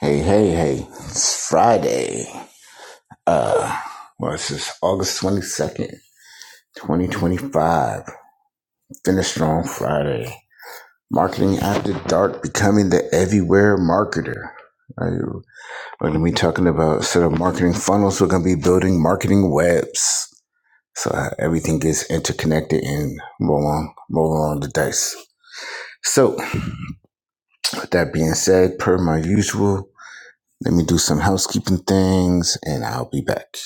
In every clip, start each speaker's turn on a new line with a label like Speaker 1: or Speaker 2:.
Speaker 1: Hey, hey, hey. It's Friday. Uh, well, this is August 22nd, 2025. Finish Strong Friday. Marketing After Dark Becoming the Everywhere Marketer. Uh, We're going to be talking about instead of marketing funnels, we're going to be building marketing webs. So uh, everything gets interconnected and roll on, roll on the dice. So, with that being said, per my usual, let me do some housekeeping things and I'll be back.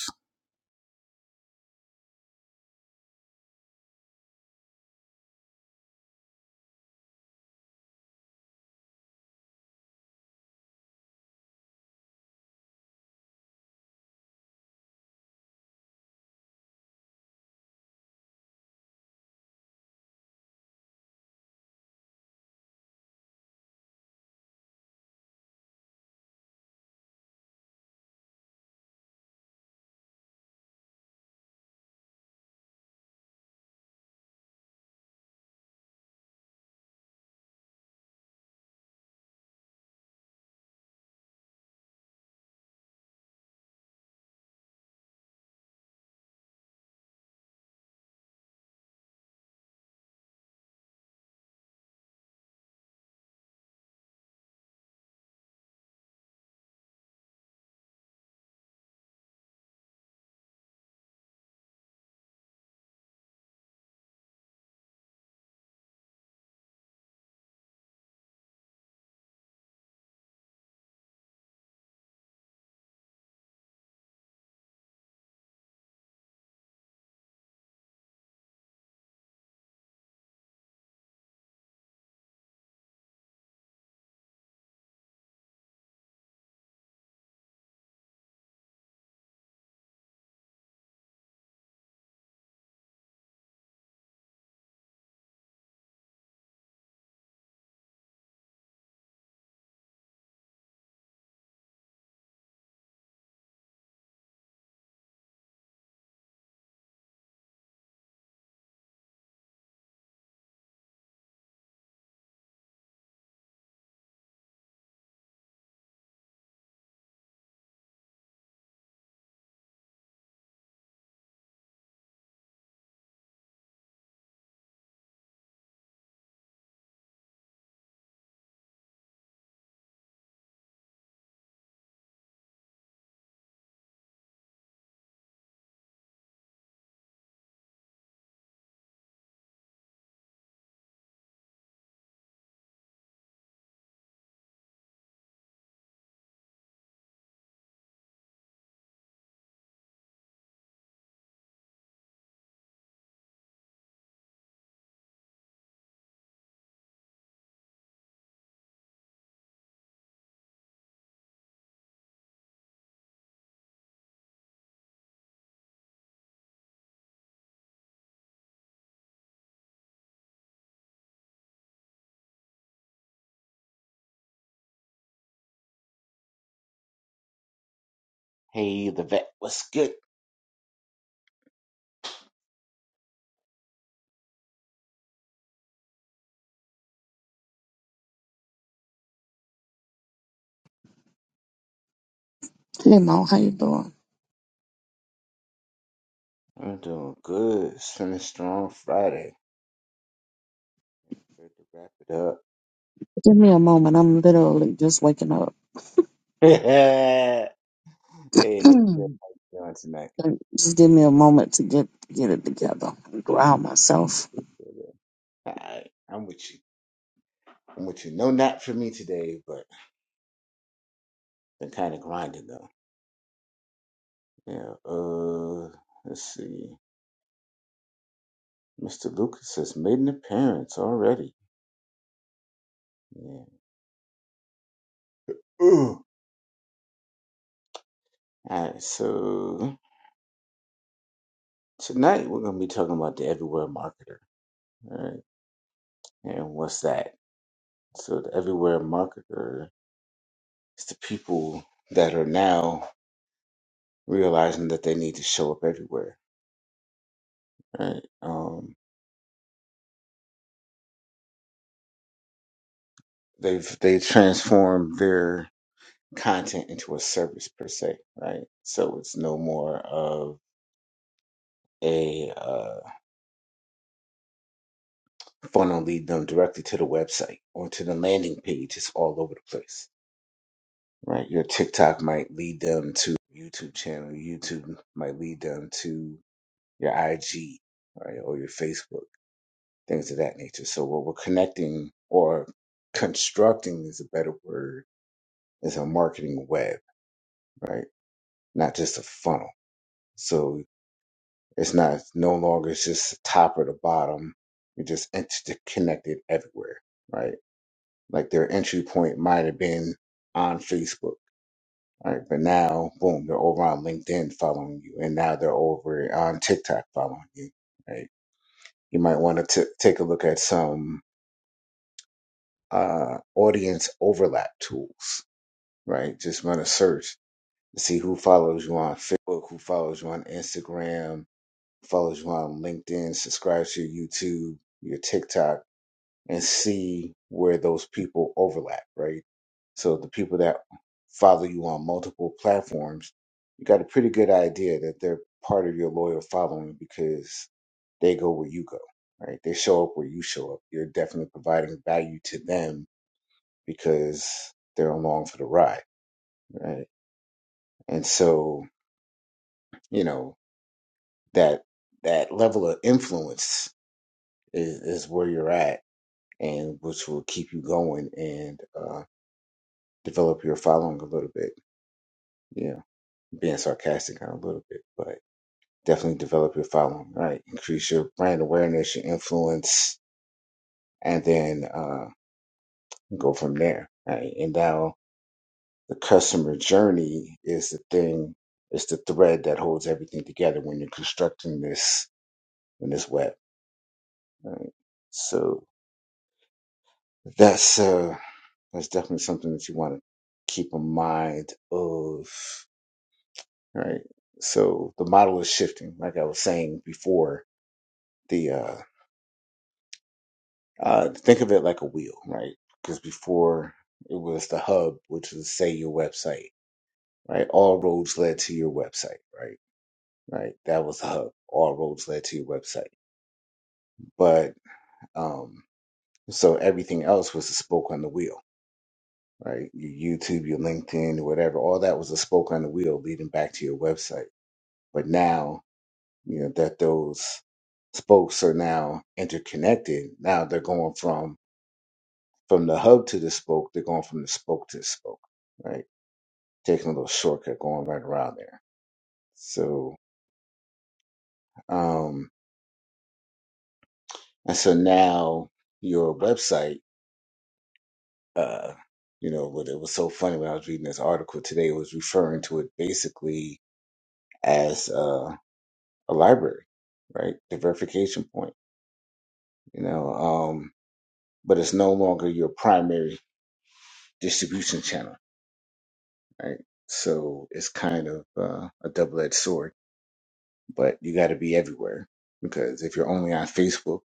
Speaker 1: Hey, the vet, what's good?
Speaker 2: Hey Mo, how you doing?
Speaker 1: I'm doing good. Feeling strong Friday. Good to wrap it up.
Speaker 2: Give me a moment. I'm literally just waking up.
Speaker 1: hey, Nick, how you doing tonight?
Speaker 2: Like, just give me a moment to get get it together and ground myself.
Speaker 1: Good, good. good. Alright, I'm with you. I'm with you. No nap for me today, but been kind of grinding though. Yeah, uh, let's see. Mr. Lucas has made an appearance already. Yeah. Ooh. Alright, so tonight we're going to be talking about the everywhere marketer. Alright, and what's that? So the everywhere marketer is the people that are now realizing that they need to show up everywhere. Right? Um, they've they transformed their content into a service per se. Right. So it's no more of a uh, funnel lead them directly to the website or to the landing page. It's all over the place. Right. Your TikTok might lead them to YouTube channel. YouTube might lead them to your IG, right, or your Facebook things of that nature. So what we're connecting or constructing is a better word is a marketing web, right? Not just a funnel. So it's not no longer it's just the top or the bottom. You're just interconnected everywhere, right? Like their entry point might have been on Facebook, right? But now, boom, they're over on LinkedIn following you, and now they're over on TikTok following you, right? You might want to t- take a look at some uh, audience overlap tools, right? Just run a search to see who follows you on Facebook, who follows you on Instagram, follows you on LinkedIn, subscribes to your YouTube, your TikTok, and see where those people overlap, right? So the people that follow you on multiple platforms, you got a pretty good idea that they're part of your loyal following because they go where you go, right? They show up where you show up. You're definitely providing value to them because they're along for the ride, right? And so you know that that level of influence is, is where you're at and which will keep you going and uh, develop your following a little bit yeah being sarcastic a little bit but definitely develop your following right increase your brand awareness your influence and then uh, go from there right and now the customer journey is the thing it's the thread that holds everything together when you're constructing this in this web right? So That's uh, that's definitely something that you want to keep in mind of, right? So the model is shifting, like I was saying before. The uh, uh think of it like a wheel, right? Because before it was the hub, which was say your website, right? All roads led to your website, right? Right, that was the hub. All roads led to your website, but um, so everything else was a spoke on the wheel right? Your YouTube, your LinkedIn, whatever, all that was a spoke on the wheel leading back to your website. But now, you know, that those spokes are now interconnected. Now they're going from from the hub to the spoke, they're going from the spoke to the spoke, right? Taking a little shortcut going right around there. So um and so now your website, uh, you know, what it was so funny when I was reading this article today, it was referring to it basically as uh, a library, right? The verification point, you know. Um, but it's no longer your primary distribution channel, right? So it's kind of uh, a double-edged sword. But you got to be everywhere because if you're only on Facebook,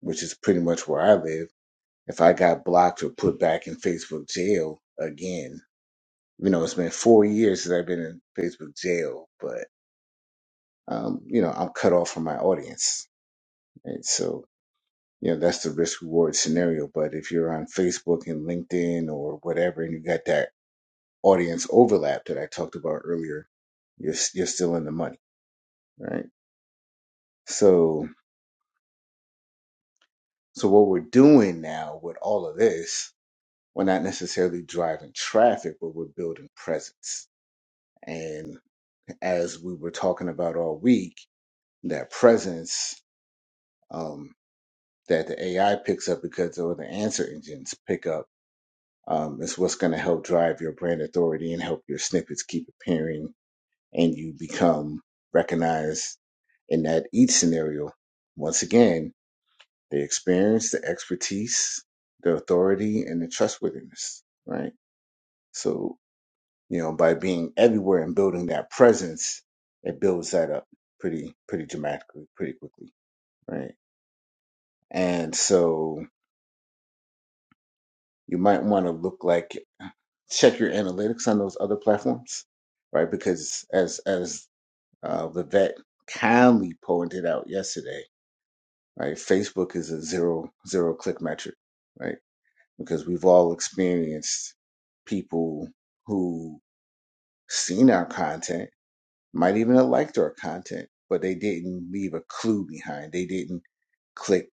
Speaker 1: which is pretty much where I live, if I got blocked or put back in Facebook jail again, you know, it's been four years since I've been in Facebook jail, but um, you know, I'm cut off from my audience. Right? So you know that's the risk reward scenario but if you're on facebook and linkedin or whatever and you got that audience overlap that i talked about earlier you're, s- you're still in the money right so so what we're doing now with all of this we're not necessarily driving traffic but we're building presence and as we were talking about all week that presence um that the ai picks up because or the answer engines pick up Um, it's what's going to help drive your brand authority and help your snippets keep appearing and you become recognized in that each scenario. Once again, the experience, the expertise, the authority, and the trustworthiness, right? So, you know, by being everywhere and building that presence, it builds that up pretty, pretty dramatically, pretty quickly, right? And so you might want to look like check your analytics on those other platforms, right? Because as as uh, Vivek kindly pointed out yesterday, right, Facebook is a zero zero click metric, right? Because we've all experienced people who seen our content, might even have liked our content, but they didn't leave a clue behind. They didn't click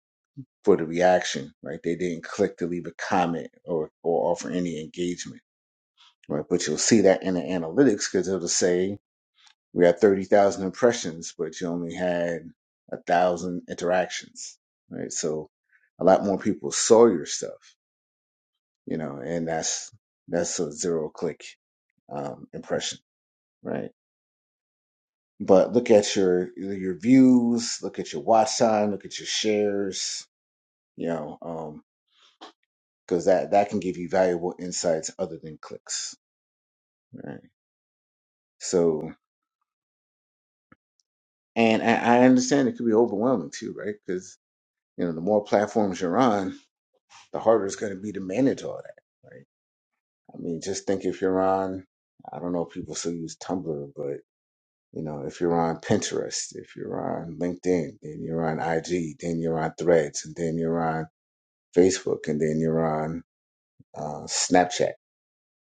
Speaker 1: for the reaction, right? They didn't click to leave a comment or or offer any engagement, right? But you'll see that in the analytics because it'll say We had 30,000 impressions, but you only had a thousand interactions, right? So a lot more people saw your stuff, you know, and that's, that's a zero click, um, impression, right? But look at your, your views, look at your watch time, look at your shares, you know, um, cause that, that can give you valuable insights other than clicks, right? So, and I, I understand it could be overwhelming too, right? Cause, you know, the more platforms you're on, the harder it's going to be to manage all that, right? I mean, just think if you're on, I don't know if people still use Tumblr, but you know, if you're on Pinterest, if you're on LinkedIn, then you're on IG, then you're on Threads, and then you're on Facebook, and then you're on uh, Snapchat,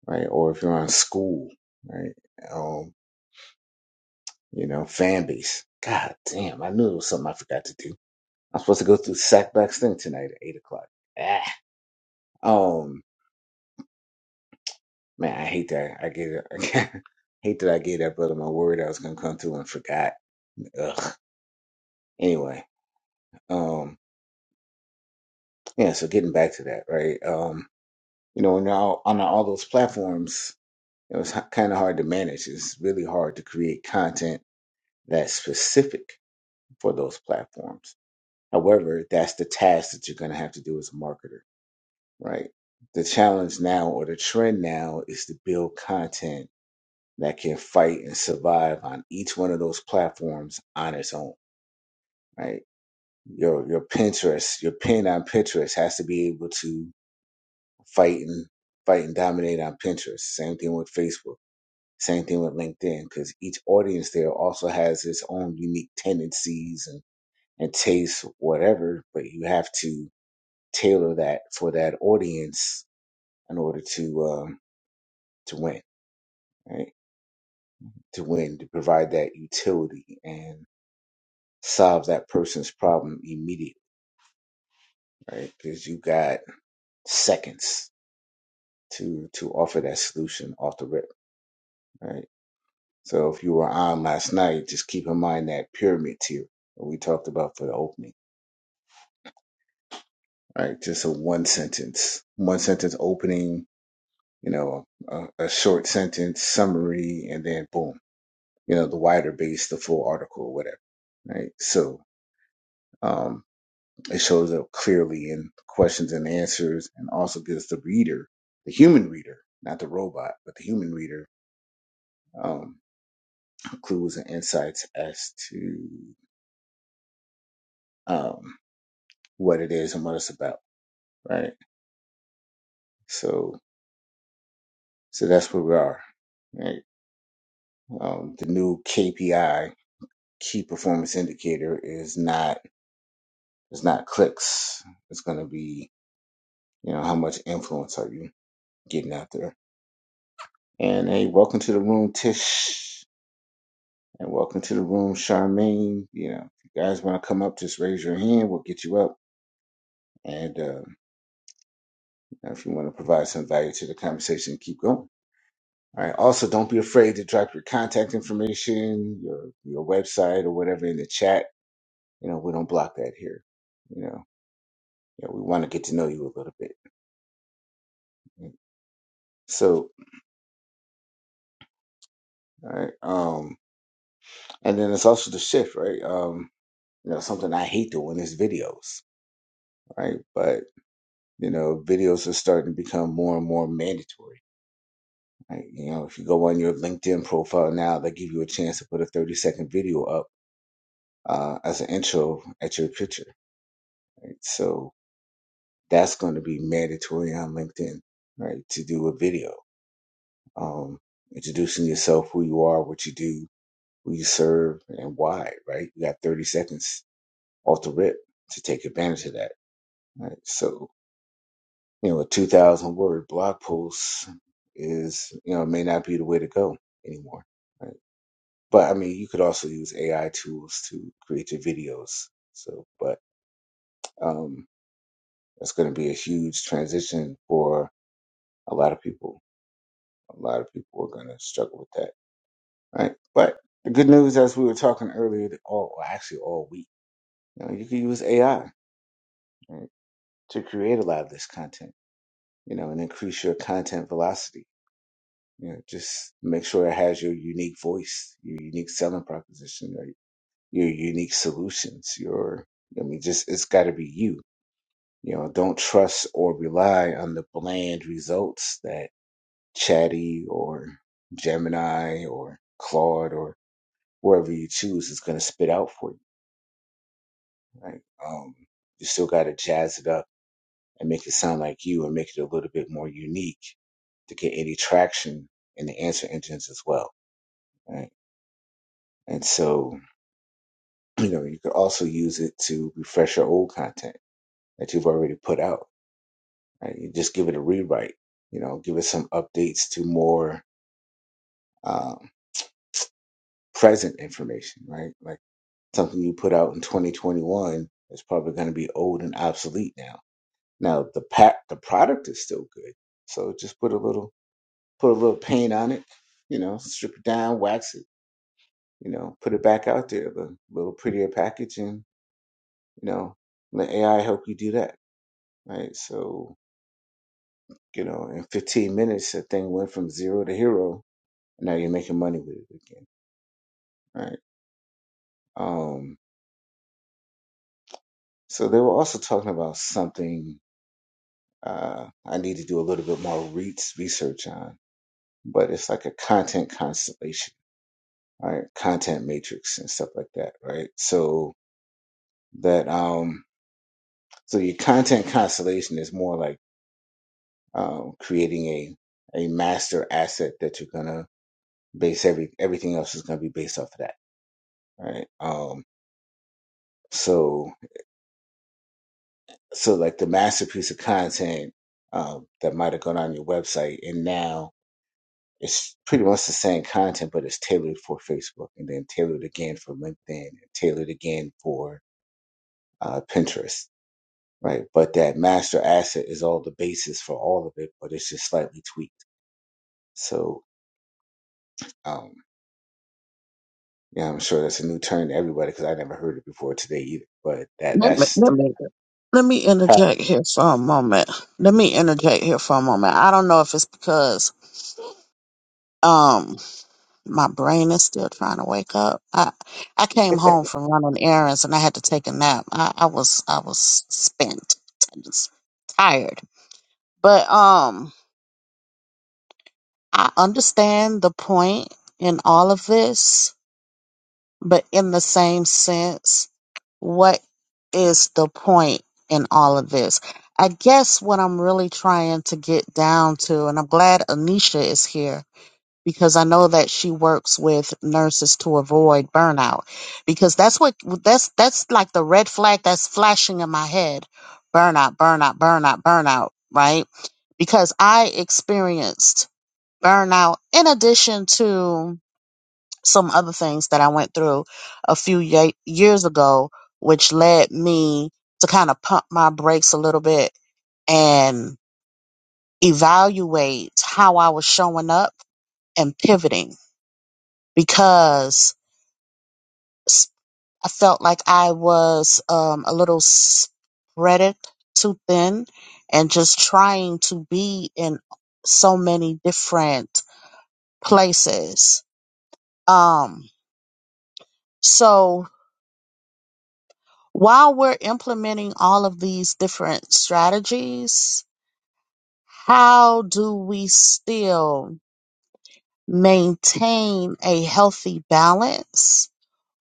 Speaker 1: right? Or if you're on school, right? Um, you know, fan base. God damn, I knew it was something I forgot to do. I'm supposed to go through Sackback's thing tonight at eight o'clock. Ah. Um, Man, I hate that. I get it. I hate that I gave that brother my word I was gonna come through and forgot. Ugh. Anyway, um, yeah. So getting back to that, right? Um, you know, now on all those platforms, it was kind of hard to manage. It's really hard to create content that's specific for those platforms. However, that's the task that you're gonna have to do as a marketer, right? The challenge now or the trend now is to build content that can fight and survive on each one of those platforms on its own, right? Your your Pinterest, your pin on Pinterest has to be able to fight and fight and dominate on Pinterest. Same thing with Facebook. Same thing with LinkedIn, because each audience there also has its own unique tendencies and, and tastes, whatever. But you have to tailor that for that audience in order to um, to win, right? To win, to provide that utility and. solve that person's problem immediately, right? Because you got seconds to to offer that solution off the rip, right? So if you were on last night, just keep in mind that pyramid tier that we talked about for the opening, right? Just a one sentence, one sentence opening, you know, a, a short sentence summary, and then boom, you know, the wider base, the full article, whatever, right? So. Um, It shows up clearly in questions and answers and also gives the reader, the human reader, not the robot, but the human reader, um, clues and insights as to um, what it is and what it's about, right? So, so that's where we are. Right? Um, the new KPI, key performance indicator, is not it's not clicks. It's going to be you know how much influence are you getting out there? And hey, welcome to the room, Tish. and welcome to the room, Charmaine. You know, if you guys want to come up, just raise your hand. We'll get you up. And uh, if you want to provide some value to the conversation, keep going. All right. Also, don't be afraid to drop your contact information, your your website, or whatever in the chat. You know, we don't block that here. You know, yeah, we want to get to know you a little bit. So, all right. Um, and then it's also the shift, right? Um, you know, something I hate doing is videos, right? But you know, videos are starting to become more and more mandatory Like, you know, if you go on your LinkedIn profile now, they give you a chance to put a 30 second video up uh, as an intro at your picture. Right? So that's going to be mandatory on LinkedIn, right? To do a video, um, introducing yourself, who you are, what you do, who you serve, and why, right? You got 30 seconds off the rip to take advantage of that, right? So, you know, a 2,000 word blog post is, you know, may not be the way to go anymore. right? But I mean, you could also use AI tools to create your videos. So, but um, that's going to be a huge transition for a lot of people. A lot of people are going to struggle with that, right? But the good news, as we were talking earlier, that all well, actually all week, you know, you can use AI right, to create a lot of this content, you know, and increase your content velocity. You know, just make sure it has your unique voice, your unique selling proposition, right? your unique solutions, your I mean, just it's got to be you You know, don't trust or rely on the bland results that Chatty or Gemini or Claude or whoever you choose is going to spit out for you. Right? Um, you still got to jazz it up and make it sound like you and make it a little bit more unique to get any traction in the answer engines as well. Right? And so, you know, you could also use it to refresh your old content that you've already put out. Right? You just give it a rewrite, you know, give it some updates to more um, present information, right? Like something you put out in 2021 is probably going to be old and obsolete now. Now the pack, the product is still good, so just put a little, put a little paint on it, you know, strip it down, wax it, you know, put it back out there, the little prettier packaging, you know, let AI help you do that, right? So you know, in 15 minutes, that thing went from zero to hero. now you're making money with it again, right? Um, so they were also talking about something uh, I need to do a little bit more re- research on. But it's like a content constellation, right? Content matrix and stuff like that, right? So that um, so your content constellation is more like um, creating a a master asset that you're gonna base every everything else is gonna be based off of that, right? Um, so so like the masterpiece of content um, that might have gone on your website, and now It's pretty much the same content, but it's tailored for Facebook and then tailored again for LinkedIn and tailored again for uh, Pinterest, right? But that master asset is all the basis for all of it, but it's just slightly tweaked. So, um, yeah, I'm sure that's a new term to everybody because I never heard it before today either. But that
Speaker 2: Let me,
Speaker 1: that's
Speaker 2: let me let me interject here for a moment. Let me interject here for a moment. I don't know if it's because um my brain is still trying to wake up. I I came home from running errands and I had to take a nap. I, I was I was spent, I just tired. But um I understand the point in all of this, but in the same sense, what is the point in all of this? I guess what I'm really trying to get down to, and I'm glad Anisha is here because I know that she works with nurses to avoid burnout because that's what that's that's like the red flag that's flashing in my head. Burnout, burnout, burnout, burnout, right? Because I experienced burnout, in addition to some other things that I went through a few ye- years ago, which led me to kind of pump my brakes a little bit and evaluate how I was showing up and pivoting because s- I felt like I was um, a little spread it too thin and just trying to be in so many different places. Um, so while we're implementing all of these different strategies, how do we still maintain a healthy balance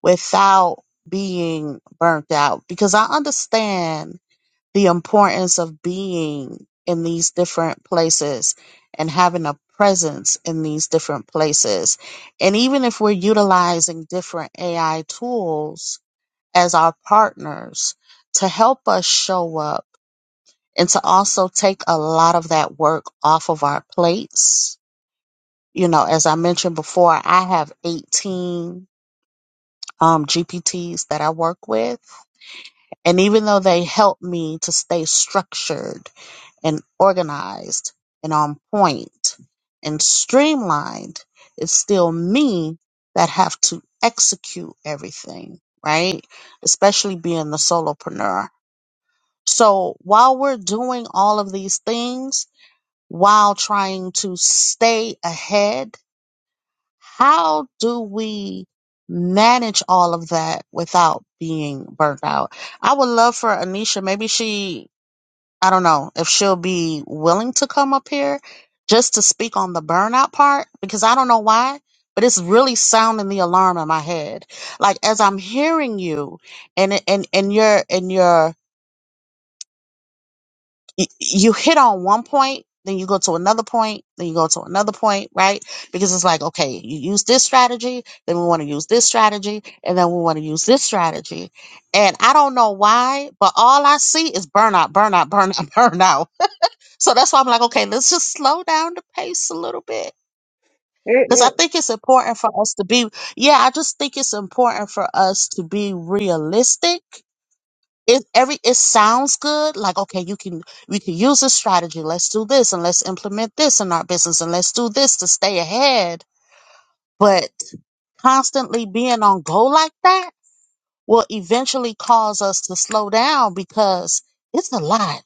Speaker 2: without being burnt out? Because I understand the importance of being in these different places and having a presence in these different places. And even if we're utilizing different AI tools, as our partners to help us show up and to also take a lot of that work off of our plates. You know, as I mentioned before, I have 18 um, GPTs that I work with. And even though they help me to stay structured and organized and on point and streamlined, it's still me that have to execute everything, right? Especially being the solopreneur. So while we're doing all of these things, while trying to stay ahead, how do we manage all of that without being burnt out? I would love for Anisha, maybe she, I don't know if she'll be willing to come up here just to speak on the burnout part, because I don't know why, but it's really sounding the alarm in my head. Like as I'm hearing you and, and, and your, and your y- you hit on one point, then you go to another point, then you go to another point, right? Because it's like, okay, you use this strategy, then we want to use this strategy, and then we want to use this strategy. And I don't know why, but all I see is burnout, burnout, burnout, burnout. So that's why I'm like, okay, let's just slow down the pace a little bit. Because I think it's important for us to be, yeah, I just think it's important for us to be realistic it every it sounds good like okay you can we can use this strategy let's do this and let's implement this in our business and let's do this to stay ahead but constantly being on go like that will eventually cause us to slow down because it's a lot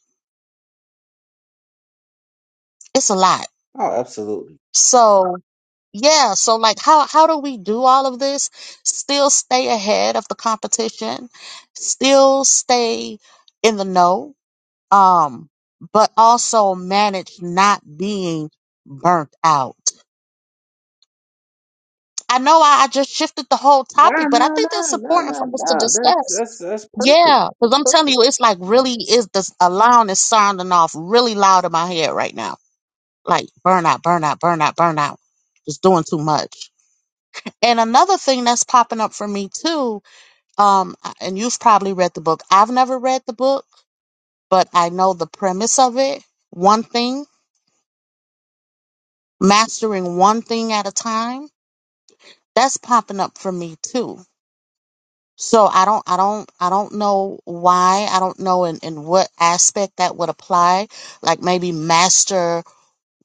Speaker 2: it's a lot
Speaker 1: oh, absolutely.
Speaker 2: so yeah so like how how do we do all of this still stay ahead of the competition still stay in the know um, but also manage not being burnt out. I know I, I just shifted the whole
Speaker 1: No,
Speaker 2: topic, but I
Speaker 1: no,
Speaker 2: think that's
Speaker 1: no, no,
Speaker 2: important for
Speaker 1: no,
Speaker 2: us to
Speaker 1: no. That's
Speaker 2: discuss.
Speaker 1: that's that's perfect.
Speaker 2: Yeah,
Speaker 1: That's
Speaker 2: because I'm telling
Speaker 1: perfect.
Speaker 2: you, it's like really is this alarm is sounding off really loud in my head right now. Like burnout, burnout, burnout, burnout. Just doing too much. And another thing that's popping up for me too, um, and you've probably read the book. I've never read the book, but I know the premise of it. One thing mastering one thing at a time that's popping up for me too so i don't i don't i don't know why i don't know in, in what aspect that would apply like maybe master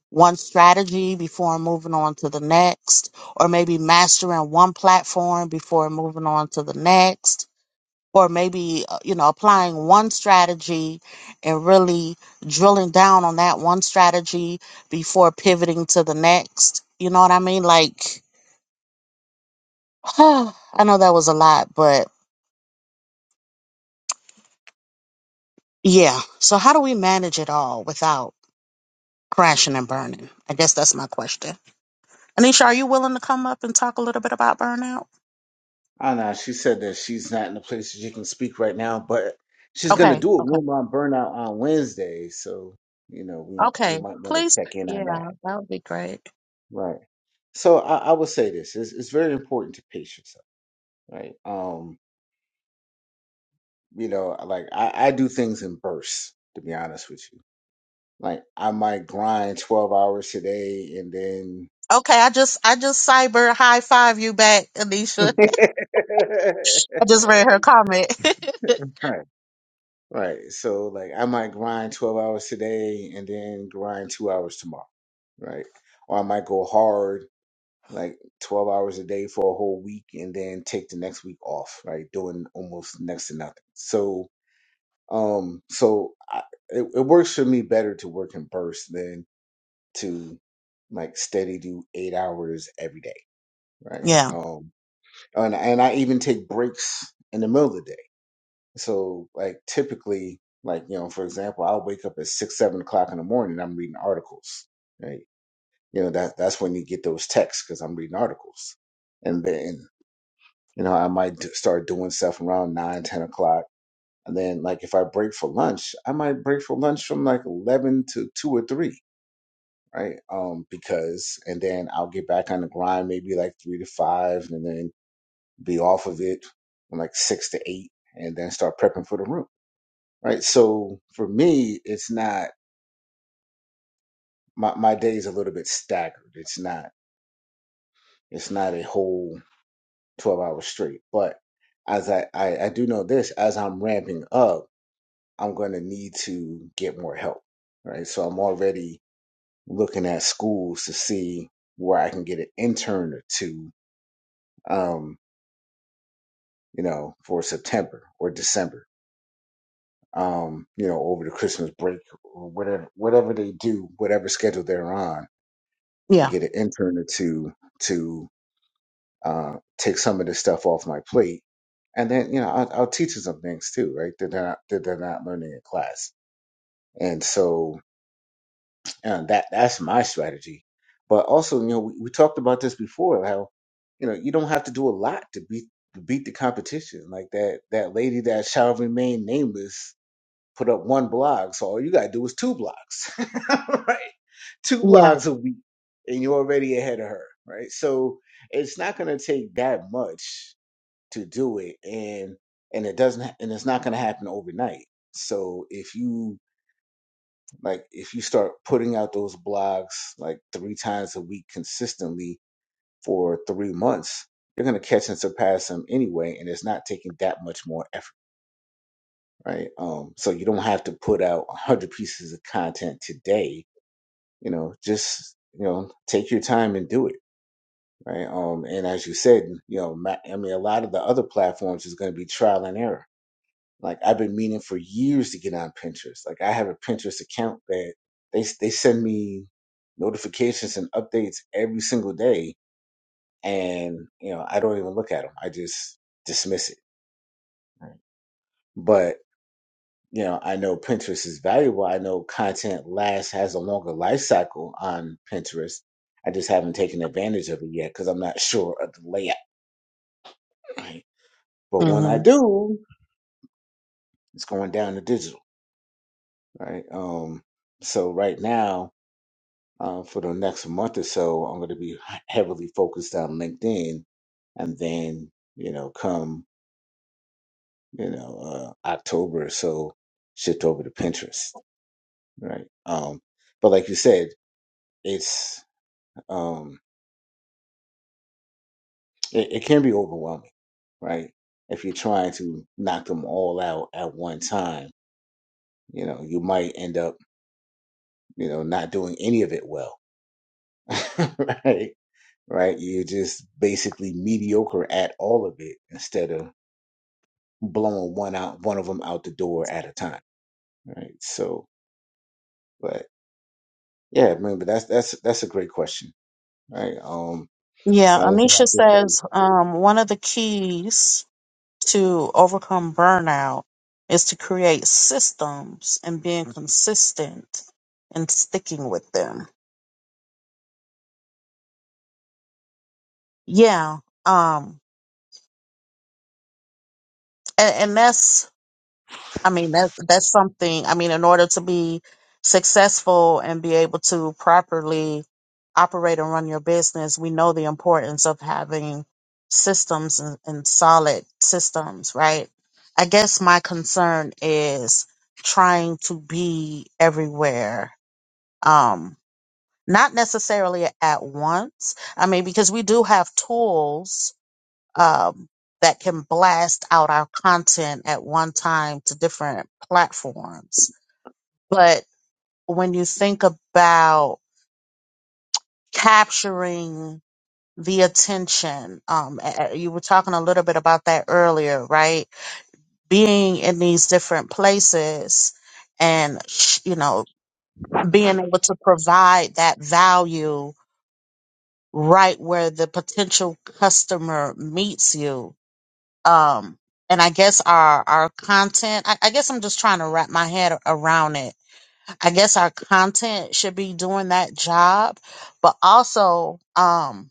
Speaker 2: one strategy before moving on to the next or maybe mastering one platform before moving on to the next or maybe uh, you know applying one strategy and really drilling down on that one strategy before pivoting to the next you know what i mean like I know that was a lot, but yeah. So how do we manage it all without crashing and burning? I guess that's my question. Anisha, are you willing to come up and talk a little bit about burnout?
Speaker 1: I know she said that she's not in a place that she can speak right now, but she's gonna
Speaker 2: Okay,
Speaker 1: do a
Speaker 2: okay,
Speaker 1: room on burnout on Wednesday, so you know we we
Speaker 2: okay.
Speaker 1: might want to
Speaker 2: Please,
Speaker 1: check in
Speaker 2: yeah,
Speaker 1: on that,
Speaker 2: that would be great.
Speaker 1: right? So I, I would say this: it's, it's very important to pace yourself, right? Um, you know, like I, I do things in bursts, to be honest with you. Like I might grind twelve hours today, and then
Speaker 2: Okay, I just I just cyber high five you back, Anisha. I just read her comment.
Speaker 1: right. Right. So like I might grind 12 hours today and then grind two hours tomorrow. Right. Or I might go hard like 12 hours a day for a whole week and then take the next week off, right? Doing almost next to nothing. So, um, so I, it, it works for me better to work in bursts than to like steady do eight hours every day. Right.
Speaker 2: yeah,
Speaker 1: Um, and, and I even take breaks in the middle of the day so like typically, like you know, for example, I'll wake up at six, seven o'clock in the morning. I'm reading articles, right? You know that that's when you get those texts because I'm reading articles, and then you know I might do, start doing stuff around nine, ten o'clock, and then like if I break for lunch, I might break for lunch from like eleven to two or three, right? Um, because and then I'll get back on the grind maybe like three to five, and then be off of it from like six to eight, and then start prepping for the room right? So for me, it's not my my day's a little bit staggered. It's not it's not a whole twelve hours straight. But as I, I I do know this, as I'm ramping up, I'm going to need to get more help, right? So I'm already looking at schools to see where I can get an intern or two, um, you know, for September or December, um, you know, over the Christmas break or whatever whatever they do, whatever schedule they're on to
Speaker 2: yeah,
Speaker 1: get an intern or two to uh, take some of this stuff off my plate. And then, you know, I'll, I'll teach them some things too, right? That they're not, that they're not learning in class. And so uh, that that's my strategy. But also, you know, we, we talked about this before, how, you know, you don't have to do a lot to beat to beat the competition. Like that that lady that shall remain nameless put up one blog. So all you gotta do is two blogs, right? Two
Speaker 2: yeah.
Speaker 1: blogs a week, and you're already ahead of her, right? So it's not gonna take that much to do it, and and it doesn't, ha- and it's not gonna happen overnight. So if you like, if you start putting out those blogs like three times a week consistently for three months, you're gonna catch and surpass them anyway, and it's not taking that much more effort right? Um, so you don't have to put out a hundred pieces of content today. You know, just you know, take your time and do it, right? Um, and as you said, you know, ma- I mean, a lot of the other platforms is going to be trial and error. Like I've been meaning for years to get on Pinterest. Like I have a Pinterest account that they they send me notifications and updates every single day, and you know, I don't even look at them. I just dismiss it. Right? But you know, I know Pinterest is valuable. I know content lasts has a longer life cycle on Pinterest. I just haven't taken advantage of it yet because I'm not sure of the layout. Right? But when I
Speaker 2: hmm
Speaker 1: do, it's going down to digital, right? Um, so right now, uh, for the next month or so, I'm going to be heavily focused on LinkedIn, and then you know, come you know uh, October or so, shift over to Pinterest, right? Um, but like you said, it's um It, it can be overwhelming, right? If you're trying to knock them all out at one time, you know, you might end up, you know, not doing any of it well, right? Right? You're just basically mediocre at all of it instead of blowing one out, one of them out the door at a time, right? So, but yeah, I mean, but that's that's that's a great question, right? Um,
Speaker 2: Yeah,
Speaker 1: the other thing I
Speaker 2: Anisha
Speaker 1: could say,
Speaker 2: says um, one of the keys to overcome burnout is to create systems and being consistent and sticking with them. Yeah. Um and, and that's I mean that that's something I mean in order to be successful and be able to properly operate and run your business, we know the importance of having systems and, and solid systems, right? I guess my concern is trying to be everywhere um not necessarily at once i mean because we do have tools um that can blast out our content at one time to different platforms but when you think about capturing the attention um a- a- you were talking a little bit about that earlier right being in these different places and sh- you know being able to provide that value right where the potential customer meets you. Um, and I guess our our content. I, I guess I'm just trying to wrap my head around it. I guess our content should be doing that job, but also, um,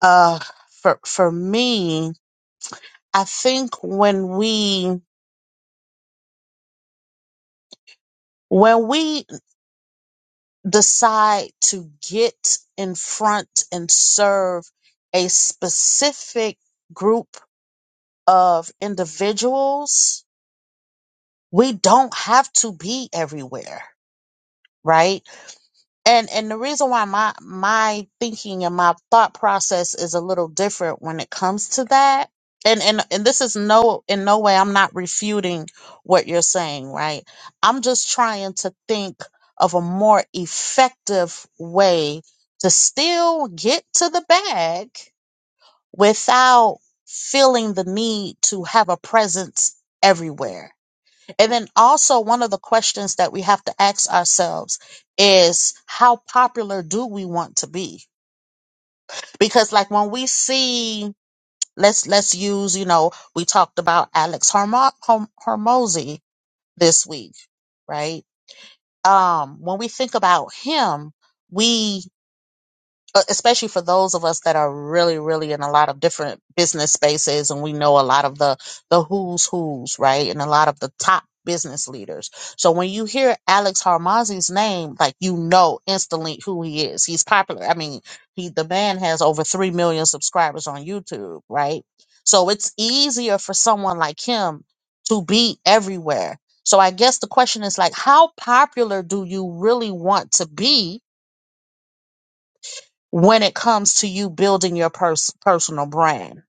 Speaker 2: uh, for for me, I think when we when we decide to get in front and serve a specific group of individuals we don't have to be everywhere right and and the reason why my my thinking and my thought process is a little different when it comes to that and and and this is no in no way I'm not refuting what you're saying right I'm just trying to think of a more effective way to still get to the bag without feeling the need to have a presence everywhere and then also one of the questions that we have to ask ourselves is how popular do we want to be? Because like when we see let's let's use, you know, we talked about Alex Hormo- Horm- Hormozy this week, right? Um when we think about him, we. uh, especially for those of us that are really really in a lot of different business spaces and we know a lot of the the who's who's right and a lot of the top business leaders so when you hear alex harmazi's name like you know instantly who he is he's popular i mean he the man has over 3 million subscribers on youtube right so it's easier for someone like him to be everywhere so i guess the question is like how popular do you really want to be when it comes to you building your pers- personal brand?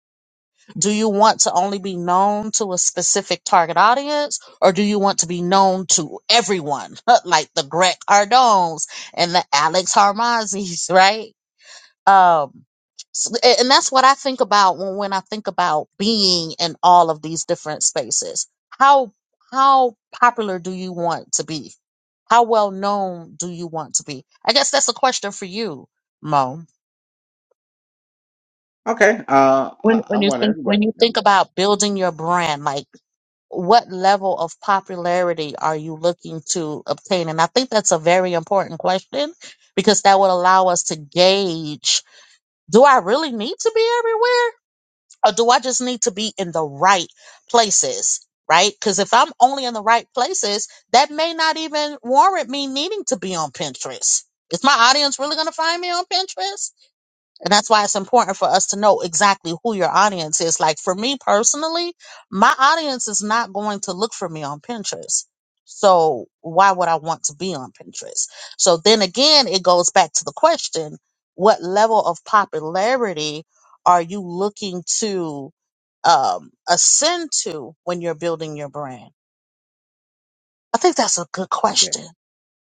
Speaker 2: Do you want to only be known to a specific target audience or do you want to be known to everyone like the Greg Cardones and the Alex Harmazis, right? Um, s- a- and that's what I think about when, when I think about being in all of these different spaces. How, how popular do you want to be? How well known do you want to be? I guess that's a question for you, Mo.
Speaker 1: okay, uh,
Speaker 2: when
Speaker 1: I, I
Speaker 2: when you
Speaker 1: want
Speaker 2: think
Speaker 1: everybody
Speaker 2: when you
Speaker 1: to come
Speaker 2: think about building your
Speaker 1: in.
Speaker 2: brand like what level of popularity are you looking to obtain and i think that's a very important question because that would allow us to gauge do i really need to be everywhere or do i just need to be in the right places right because if i'm only in the right places that may not even warrant me needing to be on pinterest is my audience really going to find me on pinterest and that's why it's important for us to know exactly who your audience is. Like for me personally, my audience is not going to look for me on Pinterest. So why would I want to be on Pinterest? So then again, it goes back to the question, what level of popularity are you looking to um, ascend to when you're building your brand? I think that's a good
Speaker 1: Okay.
Speaker 2: question.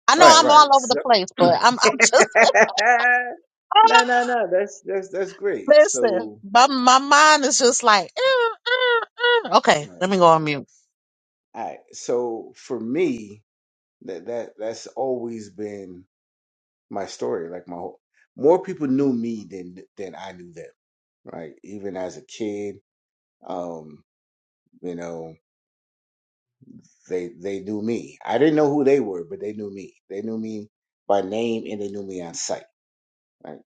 Speaker 2: I know
Speaker 1: Right,
Speaker 2: I'm
Speaker 1: right.
Speaker 2: all over the
Speaker 1: So,
Speaker 2: place, but
Speaker 1: no,
Speaker 2: I'm I'm just
Speaker 1: no, no. That's that's that's great.
Speaker 2: Listen,
Speaker 1: So,
Speaker 2: my, my mind is just like, "Mm, mm, mm." okay,
Speaker 1: all
Speaker 2: let me go on mute.
Speaker 1: right. So for me, that that that's always been my story. Like my whole, more people knew me than than I knew them. Right. Even as a kid, um, you know, they they knew me. I didn't know who they were, but they knew me. They knew me by name and they knew me on sight. Right.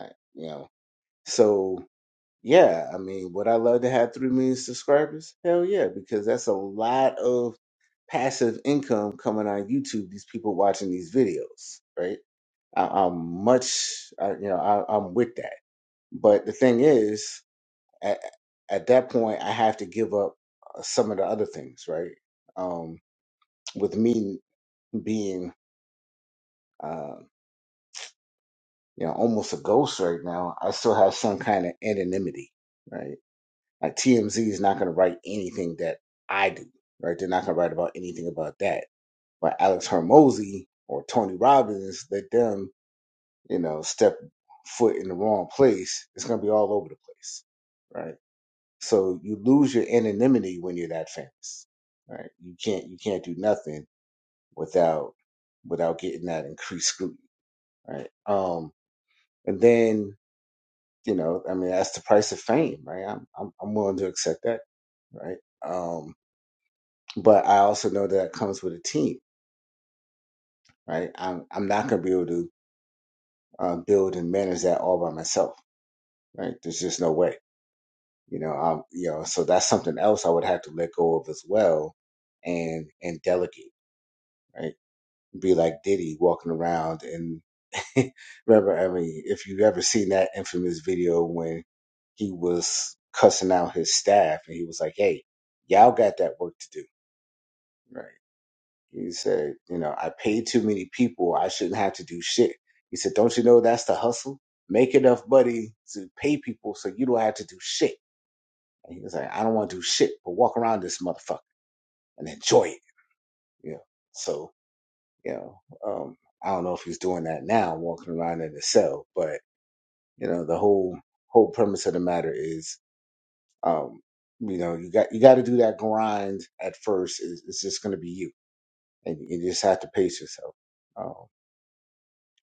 Speaker 1: right you know. So Yeah, I mean, would I love to have three million subscribers? Hell yeah, because that's a lot of passive income coming on YouTube. These people watching these videos, right? I, I'm much, I, you know, I, I'm with that. But the thing is, at, at that point, I have to give up uh, some of the other things, right? Um, with me being, uh, you know, almost a ghost right now, I still have some kind of anonymity, right? Like TMZ is not going to write anything that I do, right? They're not going to write about anything about that. But Alex Hermosi or Tony Robbins, let them, you know, step foot in the wrong place. It's going to be all over the place, right? So you lose your anonymity when you're that famous, right? You can't you can't do nothing without without getting that increased scrutiny, right? Um, and then you know, I mean, that's the price of fame, right? I'm I'm, I'm willing to accept that, right? Um, but I also know that it comes with a team, right? I'm I'm not going to be able to uh, build and manage that all by myself, right? There's just no way, you know. Um, you know, so that's something else I would have to let go of as well, and and delegate, right? Be like Diddy walking around and remember, I mean, if you've ever seen that infamous video when he was cussing out his staff and he was like, "Hey, y'all got that work to do." right? He said, you know, I paid too many people. I shouldn't have to do shit. He said, don't you know that's the hustle? Make enough money to pay people so you don't have to do shit. And he was like, I don't want to do shit, but walk around this motherfucker and enjoy it. You know, so, you know, um, I don't know if he's doing that now, walking around in a cell, but you know, the whole, whole premise of the matter is, um, you know, you got, you got to do that grind at first. It's, it's just going to be you and you just have to pace yourself. Um,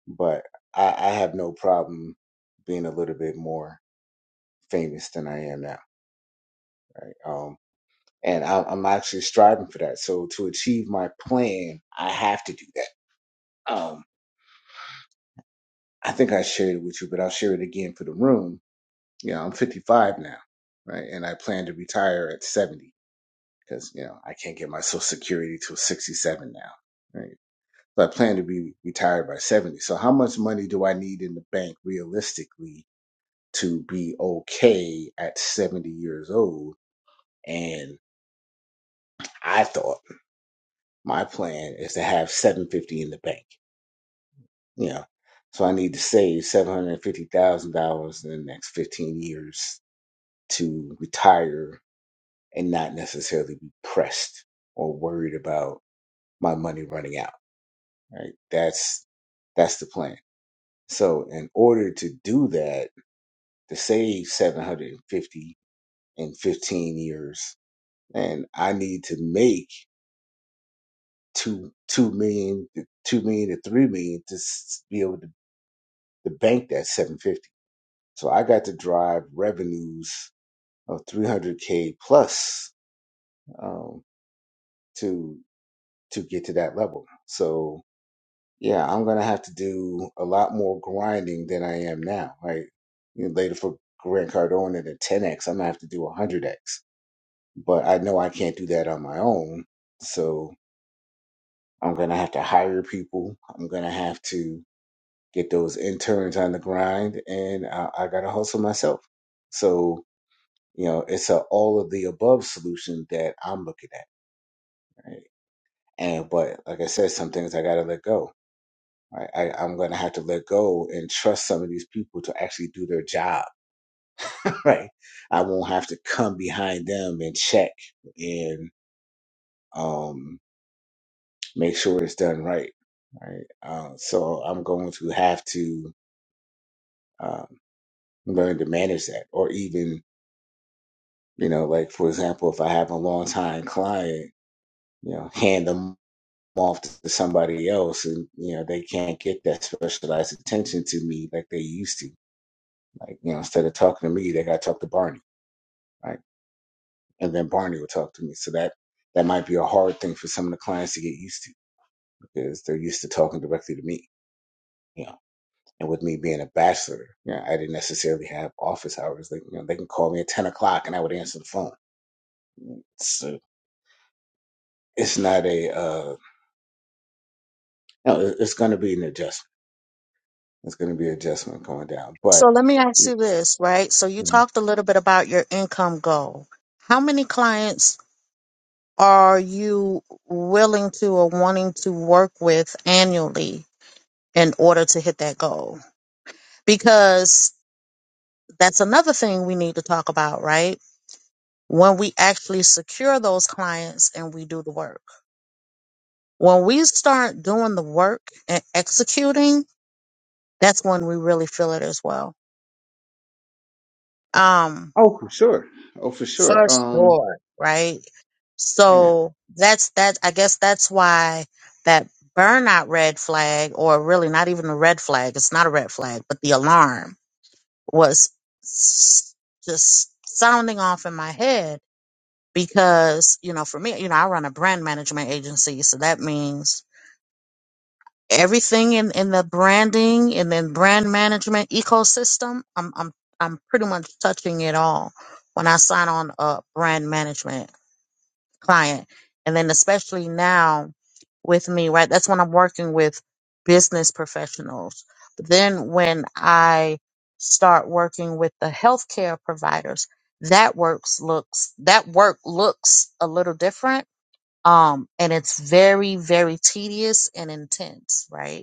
Speaker 1: but I, I have no problem being a little bit more famous than I am now. Um, and I, I'm actually striving for that. So to achieve my plan, I have to do that. Um, I think I shared it with you, but I'll share it again for the room. You know, I'm 55 now, right? And I plan to retire at 70 because, you know, I can't get my social security till 67 now, right? But I plan to be retired by 70. So how much money do I need in the bank realistically to be okay at 70 years old. And I thought my plan is to have 750 in the bank, you know. So I need to save $750,000 in the next 15 years to retire and not necessarily be pressed or worried about my money running out, right? That's that's the plan. So in order to do that, to save 750 in 15 years, and I need to make two two million, two million, to three million to s- be able to, to bank that seven fifty. So I got to drive revenues of three hundred k plus um, to to get to that level. So yeah, I'm gonna have to do a lot more grinding than I am now. Right, you know, later for Grant Cardone at a ten x, I'm gonna have to do a hundred x. But I know I can't do that on my own. So I'm gonna have to hire people. I'm gonna have to get those interns on the grind, and I, I got to hustle myself. So you know, it's a all of the above solution that I'm looking at. Right? And but like I said, some things I got to let go. Right? I, I'm going to have to let go and trust some of these people to actually do their job. Right? I won't have to come behind them and check and um, make sure it's done right. Right? Uh, so I'm going to have to um, learn to manage that, or even You know, like for example, if I have a long time client, you know, hand them off to somebody else and, you know, they can't get that specialized attention to me like they used to. Like, you know, instead of talking to me, they gotta talk to Barney, right? And then Barney will talk to me. So that that might be a hard thing for some of the clients to get used to because they're used to talking directly to me. You know, and with me being a bachelor, you know, I didn't necessarily have office hours. Like, you know, they can call me at ten o'clock and I would answer the phone. So it's not a uh No, it- it's going to be an adjustment. It's going to be adjustment going down.
Speaker 2: So
Speaker 1: But
Speaker 2: let me ask you this, right? So you
Speaker 1: Mhm.
Speaker 2: talked a little bit about your income goal. How many clients are you willing to or wanting to work with annually in order to hit that goal? Because that's another thing we need to talk about, right? When we actually secure those clients and we do the work. When we start doing the work and executing, that's when we really feel it as well. Um,
Speaker 1: oh, for sure. Oh, for
Speaker 2: for
Speaker 1: sure. Um,
Speaker 2: sure, right?
Speaker 1: yeah.
Speaker 2: So that's that. I guess that's why that burnout red flag, or really not even a red flag. It's not a red flag, but the alarm was s- just sounding off in my head because you know, for me, you know, I run a brand management agency, so that means everything in, in the branding and then brand management ecosystem. I'm I'm I'm pretty much touching it all when I sign on a brand management client. And then especially now with me, right? That's when I'm working with business professionals. But then when I start working with the healthcare providers, that works looks that work looks a little different. Um, and it's very, very tedious and intense, right?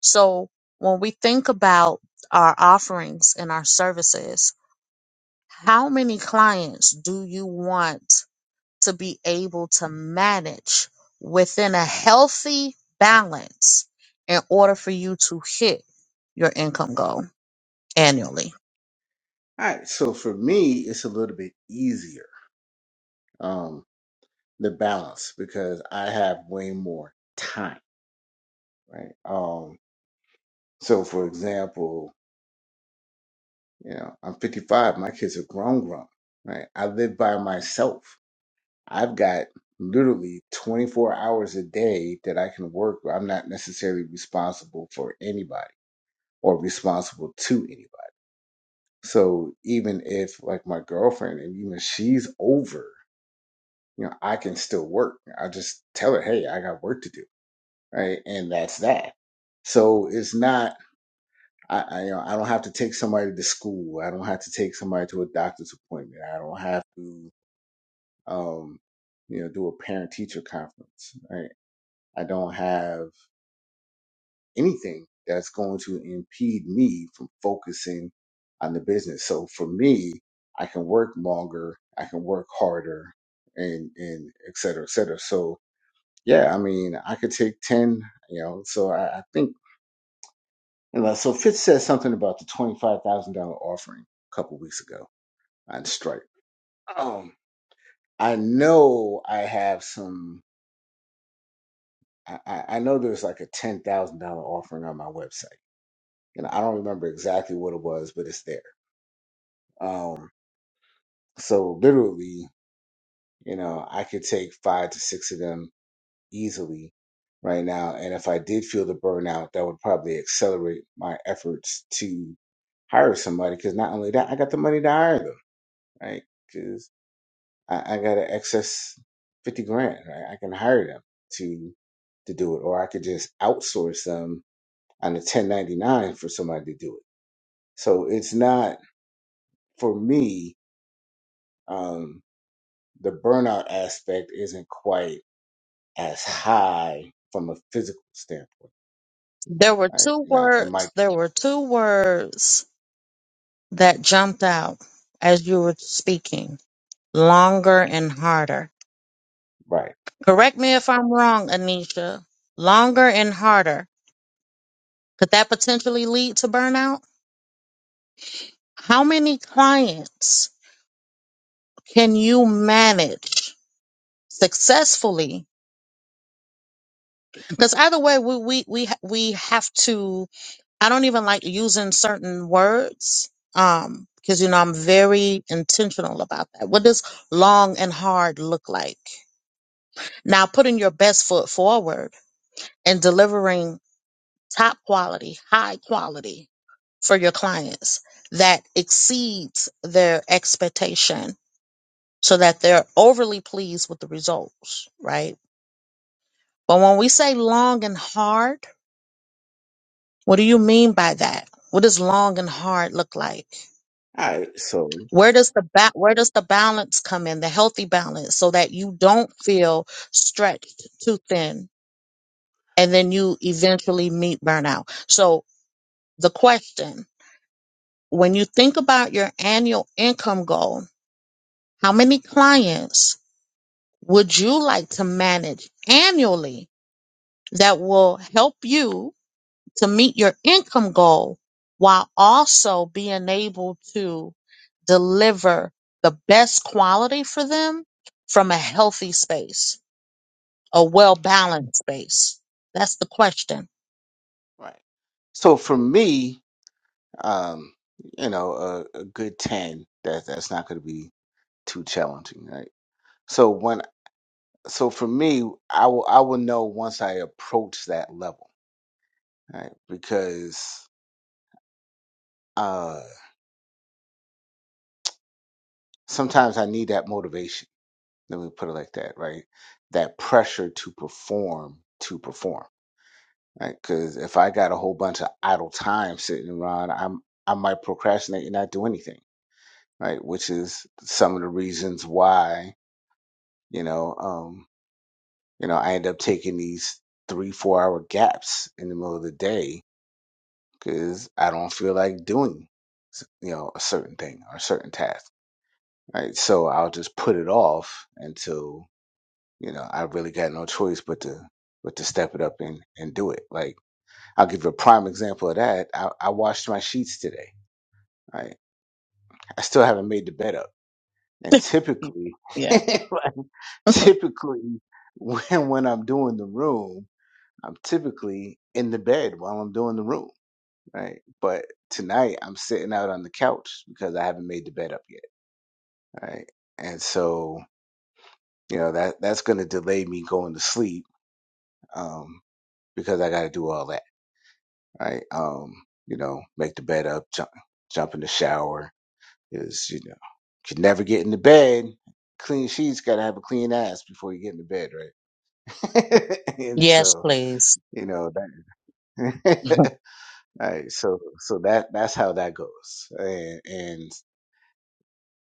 Speaker 2: So when we think about our offerings and our services, how many clients do you want to be able to manage within a healthy balance in order for you to hit your income goal annually?
Speaker 1: All right. So for me, it's a little bit easier. Um, the balance because I have way more time, right? Um, so for example, you know, I'm 55. My kids are grown, grown, right? I live by myself. I've got literally 24 hours a day that I can work. I'm not necessarily responsible for anybody or responsible to anybody. So even if like my girlfriend and even she's over, you know, I can still work. I just tell her, hey, I got work to do. Right. And that's that. So it's not I, I you know, I don't have to take somebody to school. I don't have to take somebody to a doctor's appointment. I don't have to um, you know, do a parent teacher conference. Right. I don't have anything that's going to impede me from focusing on the business. So for me, I can work longer, I can work harder, and and et cetera, et cetera. So yeah, I mean, I could take ten, you know. So I, I think and like, so. Fitz said something about the twenty five thousand dollar offering a couple weeks ago on Stripe. Um, I know I have some. I, I I know there's like a ten thousand dollar offering on my website, and I don't remember exactly what it was, but it's there. Um, so literally, you know, I could take five to six of them easily right now. And if I did feel the burnout, that would probably accelerate my efforts to hire somebody. Cause not only that, I got the money to hire them, right? Cause I, I got an excess 50 grand, right? I can hire them to, to do it, or I could just outsource them on a 1099 for somebody to do it. So it's not for me. Um, the burnout aspect isn't quite as high from a physical standpoint,
Speaker 2: There were
Speaker 1: right?
Speaker 2: two
Speaker 1: Now it might
Speaker 2: words,
Speaker 1: be
Speaker 2: there were two words that jumped out as you were speaking, longer and harder.
Speaker 1: right.
Speaker 2: Correct me if I'm wrong, Anisha. Longer and harder Could that potentially lead to burnout? How many clients can you manage successfully? Because either way, we, we we ha- we have to. I don't even like using certain words, um, because you know I'm very intentional about that. What does long and hard look like? Now, putting your best foot forward and delivering top quality, high quality for your clients that exceeds their expectation so that they're overly pleased with the results, right? But when we say long and hard, what do you mean by that? What does long and hard look like?
Speaker 1: All right, so
Speaker 2: Where does the ba- where does the balance come in, the healthy balance, so that you don't feel stretched too thin and then you eventually meet burnout? So the question, when you think about your annual income goal, how many clients would you like to manage annually that will help you to meet your income goal while also being able to deliver the best quality for them from a healthy space, a well balanced space? That's the question.
Speaker 1: right. So for me, um, you know, a, a good ten. That that's not going to be too challenging, right? So when so for me, I will I will know once I approach that level, right? Because uh, sometimes I need that motivation Let me put it like that, right? That pressure to perform, to perform, right? Because if I got a whole bunch of idle time sitting around, I'm I might procrastinate and not do anything, right? Which is some of the reasons why you know, um, you know, I end up taking these three four hour gaps in the middle of the day because I don't feel like doing you know a certain thing or a certain task, right? So I'll just put it off until you know, I really got no choice but to but to step it up and and do it. Like I'll give you a prime example of that. I, I washed my sheets today. Right, I still haven't made the bed up. And typically,
Speaker 2: Yeah.
Speaker 1: like, typically when when I'm doing the room, I'm typically in the bed while I'm doing the room. Right, but tonight I'm sitting out on the couch because I haven't made the bed up yet. Right, and so you know that that's going to delay me going to sleep um, because I got to do all that right? Um, you know, make the bed up, jump, jump in the shower is, you know, can never get in the bed. Clean sheets got to have a clean ass before you get in the bed, right? and
Speaker 2: Yes,
Speaker 1: so,
Speaker 2: please.
Speaker 1: you know, that, all right, so, so that, that's how that goes. And, and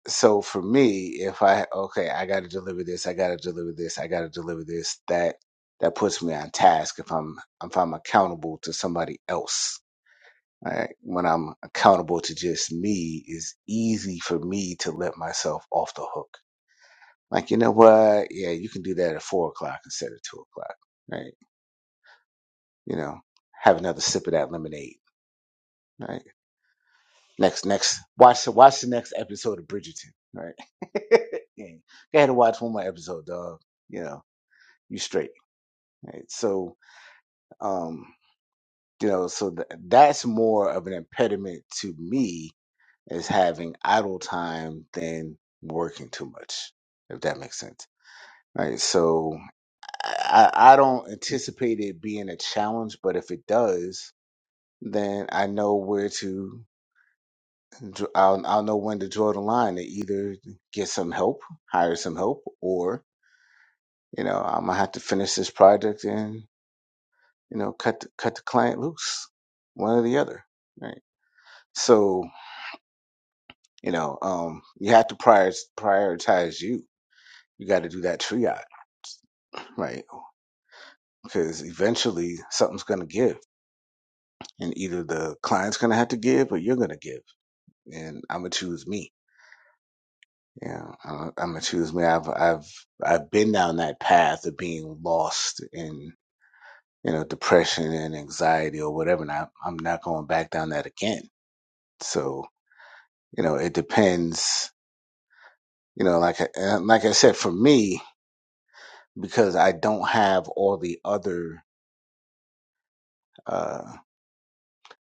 Speaker 1: so for me, if I, okay, I got to deliver this, I got to deliver this, I got to deliver this, that, that puts me on task if I'm, if I'm accountable to somebody else I, when I'm accountable to just me, it's easy for me to let myself off the hook. Like, you know what? Yeah, you can do that at four o'clock instead of two o'clock, right? You know, have another sip of that lemonade, right? Next, next, watch the watch the next episode of Bridgerton, right? yeah. Go ahead and watch one more episode, dog. You know, you straight, right? So, um, you know, so th- that's more of an impediment to me is having idle time than working too much, if that makes sense. Right. So I, I I don't anticipate it being a challenge, but if it does, then I know where to, dr- I'll, I'll know when to draw the line to either get some help, hire some help, or, you know, I'm going to have to finish this project and, you know, cut, the, cut the client loose, one or the other. Right. So, you know, um, you have to prior, prioritize you. You got to do that triage right? Because eventually something's going to give, and either the client's going to have to give or you're going to give. And I'm gonna choose me. Yeah, I'm gonna choose me. I've I've I've been down that path of being lost in you know depression and anxiety or whatever, and I, I'm not going back down that again. So you know, it depends. You know, like I, like I said, for me, because I don't have all the other. uh,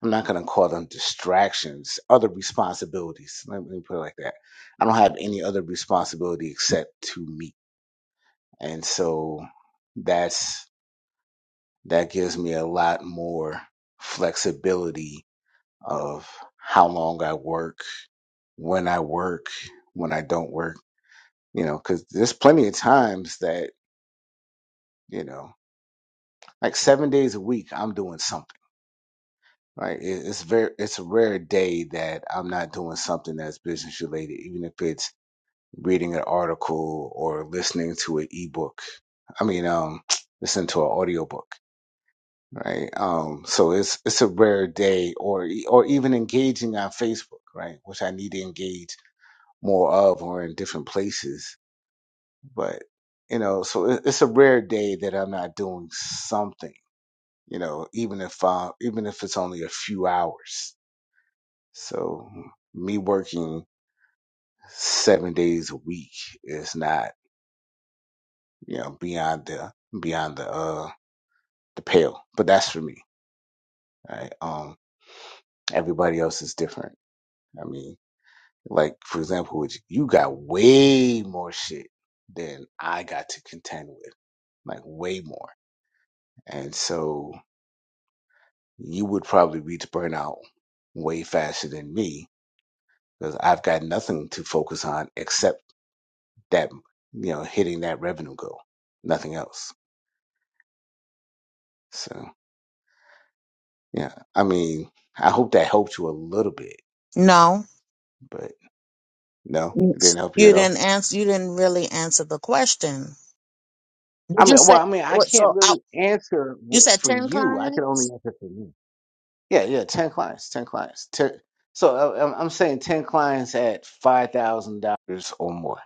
Speaker 1: I'm not going to call them distractions, other responsibilities. Let me put it like that. I don't have any other responsibility except to me. And so that's, that gives me a lot more flexibility of how long I work, when I work, when I don't work, you know, cause there's plenty of times that, you know, like seven days a week, I'm doing something. Right, It- it's very it's a rare day that I'm not doing something that's business related, even if it's reading an article or listening to an ebook. I mean, um, listen to an audiobook, right? Um, so it's it's a rare day, or or even engaging on Facebook, right? Which I need to engage more of, or in different places. But you know, so it, it's a rare day that I'm not doing something. You know, even if uh, even if it's only a few hours. So me working seven days a week is not you know, beyond the beyond the uh the pale. But that's for me. Right? Um everybody else is different. I mean, like for example, with you you got way more shit than I got to contend with. Like way more. And so you would probably reach burnout way faster than me because I've got nothing to focus on except that you know, hitting that revenue goal. Nothing else. So yeah. I mean, I hope that helped you a little bit.
Speaker 2: No,
Speaker 1: but. No,
Speaker 2: you
Speaker 1: it didn't help you at all.
Speaker 2: didn't answer. You didn't really answer the question.
Speaker 1: I
Speaker 2: Did you
Speaker 1: mean,
Speaker 2: say
Speaker 1: well, I mean, I
Speaker 2: what?
Speaker 1: can't
Speaker 2: So I,
Speaker 1: really answer
Speaker 2: you
Speaker 1: what,
Speaker 2: said
Speaker 1: for
Speaker 2: ten
Speaker 1: you. I can only
Speaker 2: clients.
Speaker 1: answer for me. Yeah, yeah, ten clients, ten clients. 10, so uh, I'm I'm saying ten clients at five thousand dollars or more.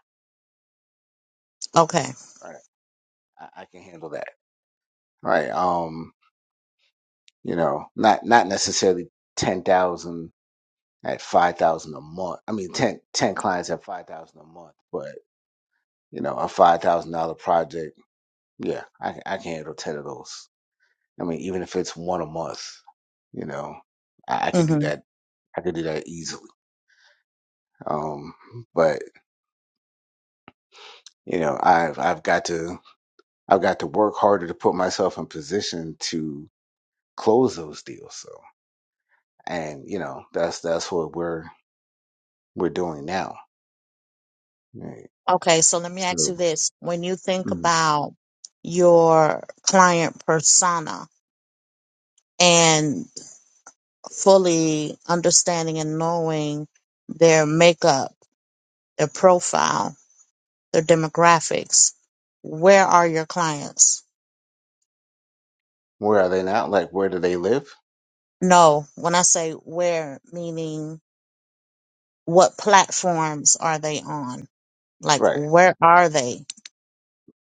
Speaker 2: Okay.
Speaker 1: Right, I, I can handle that. Right. Um, you know, not not necessarily ten thousand at five thousand a month. I mean, 10 10 clients at five thousand a month, but you know, a five thousand dollar project. Yeah, I, I can handle ten of those. I mean, even if it's one a month, you know, I, I could do that. I could do that easily. Um, but you know, I've I've got to I've got to work harder to put myself in position to close those deals. So, and you know, that's that's what we're we're doing now. Right.
Speaker 2: Okay, so let me ask
Speaker 1: So,
Speaker 2: you this. When you think
Speaker 1: mm,
Speaker 2: about your client persona and fully understanding and knowing their makeup, their profile, their demographics, where are your clients?
Speaker 1: where are they now? Like, where do they live?
Speaker 2: No, when I say where, meaning what platforms are they on? Like,
Speaker 1: Right.
Speaker 2: where are they?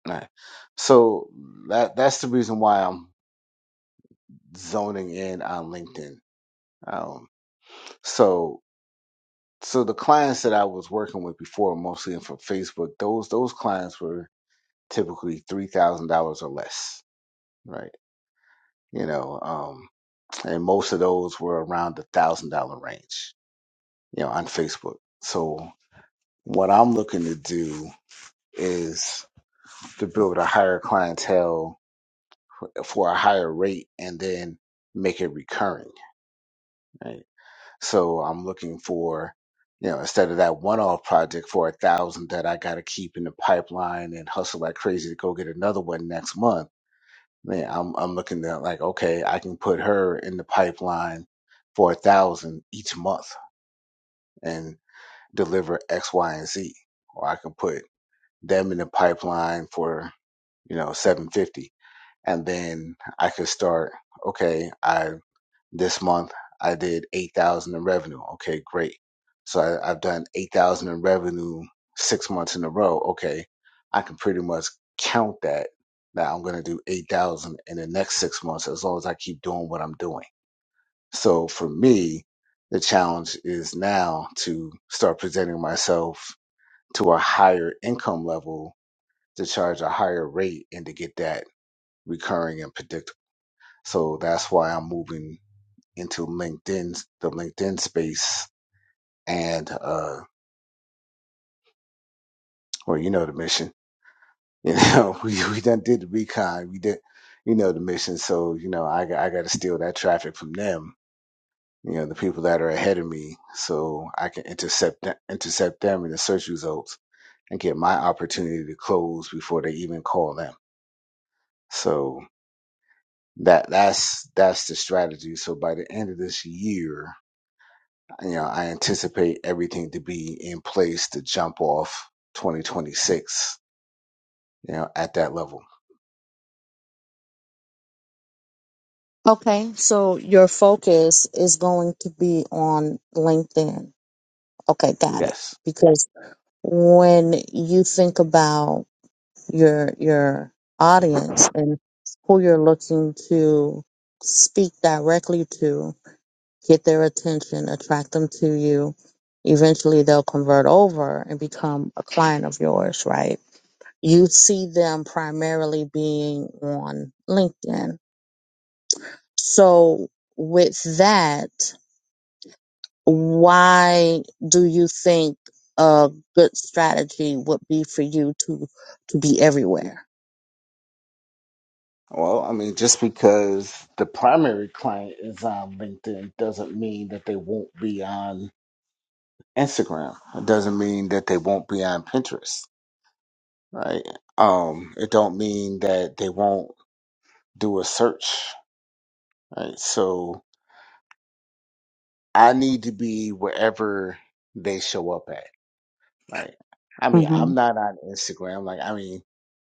Speaker 1: Right. So that that's the reason why I'm zoning in on LinkedIn. Um, so so the clients that I was working with before, mostly from Facebook, those those clients were typically three thousand dollars or less, right? You know, um, and most of those were around the thousand dollar range, you know, on Facebook. So what I'm looking to do is to build a higher clientele for a higher rate, and then make it recurring, right? So I'm looking for, you know, instead of that one off project for a thousand that I gotta keep in the pipeline and hustle like crazy to go get another one next month, man, I'm I'm looking at like, okay, I can put her in the pipeline for a thousand each month and deliver X, Y, and Z. Or I can put them in the pipeline for, you know, seven fifty. And then I could start, okay, I. This month I did eight thousand in revenue. Okay, great. So I, I've done eight thousand in revenue six months in a row. Okay, I can pretty much count that that I'm going to do eight thousand in the next six months as long as I keep doing what I'm doing. So for me, the challenge is now to start presenting myself to a higher income level to charge a higher rate and to get that recurring and predictable. So that's why I'm moving into LinkedIn, the LinkedIn space, and uh, well, you know the mission. You know, we we done did the recon, we did, you know the mission. So you know, I got- I got to steal that traffic from them. You know, the people that are ahead of me, so I can intercept th- intercept them in the search results and get my opportunity to close before they even call them. So that that's that's the strategy. So by the end of this year, you know, I anticipate everything to be in place to jump off 2026, you know, at that level.
Speaker 2: Okay, so your focus is going to be on LinkedIn. Okay, got it.
Speaker 1: Yes.
Speaker 2: Because when you think about your your audience and who you're looking to speak directly to, get their attention, attract them to you, eventually they'll convert over and become a client of yours, right? You see them primarily being on LinkedIn. So with that, why do you think a good strategy would be for you to to be everywhere?
Speaker 1: Well, I mean, just because the primary client is on LinkedIn doesn't mean that they won't be on Instagram. It doesn't mean that they won't be on Pinterest, right? Um, it don't mean that they won't do a search, right? So I need to be wherever they show up at, right? I mean,
Speaker 2: hmm
Speaker 1: I'm not on Instagram. Like, I mean,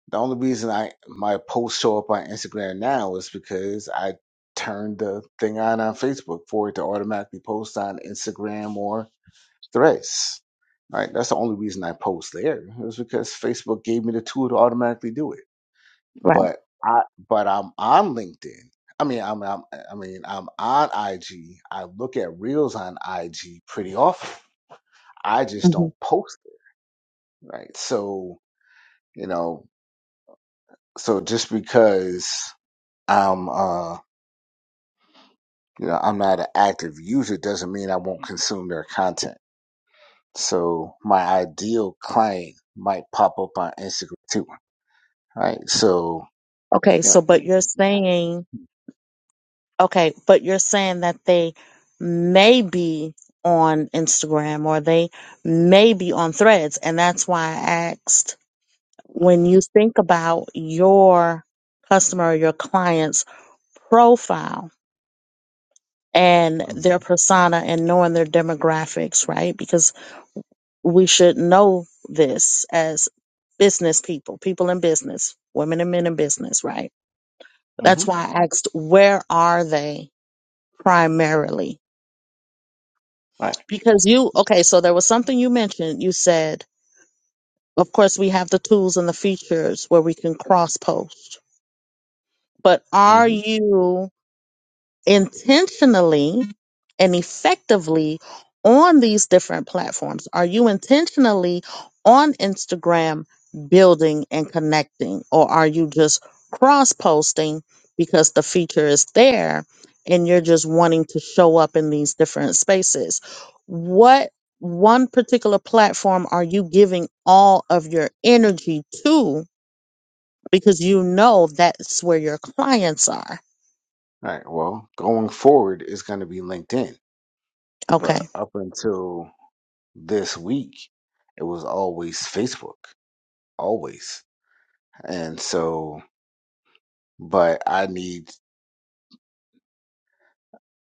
Speaker 1: The only reason I my posts show up on Instagram now is because I turned the thing on on Facebook for it to automatically post on Instagram or Threads. Right, that's the only reason I post there. It was because Facebook gave me the tool to automatically do it.
Speaker 2: Right.
Speaker 1: But I, but I'm on LinkedIn. I mean, I'm, I'm I mean, I'm on IG. I look at reels on IG pretty often. I just
Speaker 2: hmm
Speaker 1: don't post it. Right, so you know, so just because. I'm uh. You know, I'm not an active user doesn't mean I won't consume their content. So my ideal client might pop up on Instagram too, right? So
Speaker 2: Okay.
Speaker 1: you know,
Speaker 2: So, but you're
Speaker 1: anything can
Speaker 2: saying okay, but you're saying that they may be on Instagram or they may be on Threads, and that's why I asked when you think about your customer, your client's profile and
Speaker 1: happen.
Speaker 2: their persona and knowing their demographics, right? Because we should know this as business people, people in business, women and men in business, right?
Speaker 1: Mm-hmm.
Speaker 2: That's why I asked, where are they primarily?
Speaker 1: Right.
Speaker 2: Because you, okay, so there was something you mentioned. You said, of course, we have the tools and the features where we can cross post, but are
Speaker 1: Mm-hmm.
Speaker 2: you intentionally and effectively on these different platforms? Are you intentionally on Instagram building and connecting, or are you just cross posting because the feature is there and you're just wanting to show up in these different spaces? What one particular platform are you giving all of your energy to because you know that's where your clients are?
Speaker 1: Right. Well, going forward is going to be LinkedIn,
Speaker 2: Okay
Speaker 1: but up until this week, it was always Facebook, always. And so, but I need.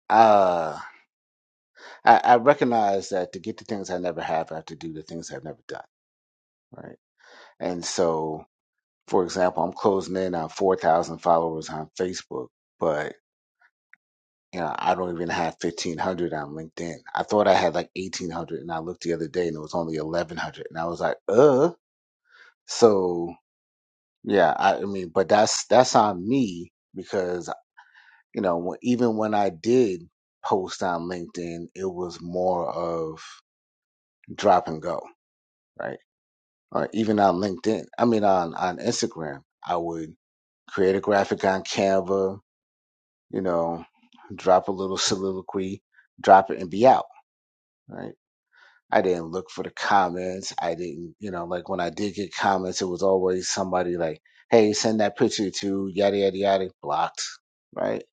Speaker 1: Uh, I, I recognize that to get the things I never have, I have to do the things I've never done. Right And so, for example, I'm closing in on 4,000 followers on Facebook, but you know, I don't even have 1,500 on LinkedIn. I thought I had like 1,800, and I looked the other day, and it was only 1,100, and I was like, uh. So yeah, I, I mean, but that's that's on me because you know, when- even when I did post on LinkedIn, it was more of drop and go, right? Or even on LinkedIn, I mean, on on Instagram, I would create a graphic on Canva you know, drop a little soliloquy, drop it and be out, right? I didn't look for the comments. I didn't, you know, like when I did get comments, it was always somebody like, hey, send that picture to yada, yada, yada, blocked, right?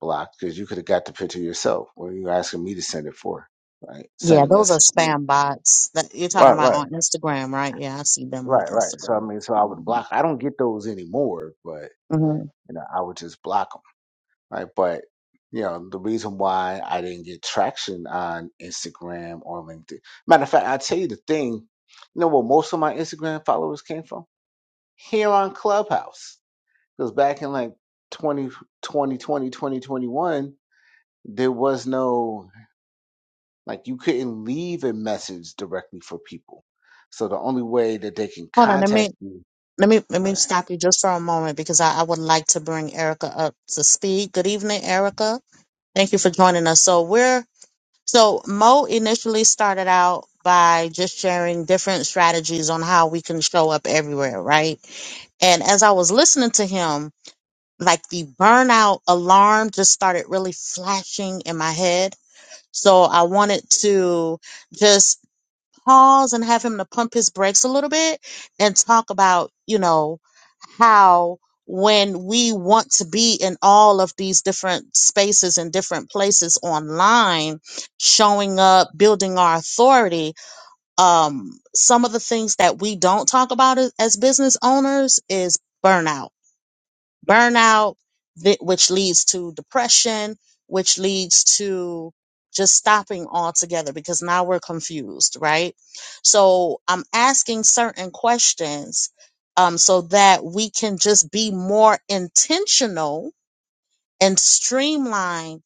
Speaker 1: Blocked, because you could have got the picture yourself. What are you asking me to send it for, right? Send
Speaker 2: Yeah,
Speaker 1: a
Speaker 2: those are
Speaker 1: message. to-
Speaker 2: spam bots that you're talking
Speaker 1: Right,
Speaker 2: about
Speaker 1: right,
Speaker 2: on Instagram, right? Yeah, I see them on
Speaker 1: right, right. So, I
Speaker 2: Instagram.
Speaker 1: mean, so I would block. I don't get those anymore, but,
Speaker 2: hmm
Speaker 1: you know, I would just block 'em right? But you know, the reason why I didn't get traction on Instagram or LinkedIn. Matter of fact, I tell you the thing. You know where most of my Instagram followers came from? Here on Clubhouse. Because back in like 2020, there was no like you couldn't leave a message directly for people. So the only way that they can
Speaker 2: Hold on, let me
Speaker 1: contact you,
Speaker 2: let me let me
Speaker 1: right,
Speaker 2: stop you just for a moment because I, I would like to bring Erica up to speed. Good evening, Erica. Thank you for joining us. So we're so Mo initially started out by just sharing different strategies on how we can show up everywhere, right? And as I was listening to him, like the burnout alarm just started really flashing in my head So I wanted to just pause and have him to pump his brakes a little bit and talk about, you know, how when we want to be in all of these different spaces and different places online, showing up, building our authority, um, some of the things that we don't talk about as as business owners is burnout burnout, thi- which leads to depression, which leads to just stopping altogether because now we're confused, right? So I'm asking certain questions um, so that we can just be more intentional and streamline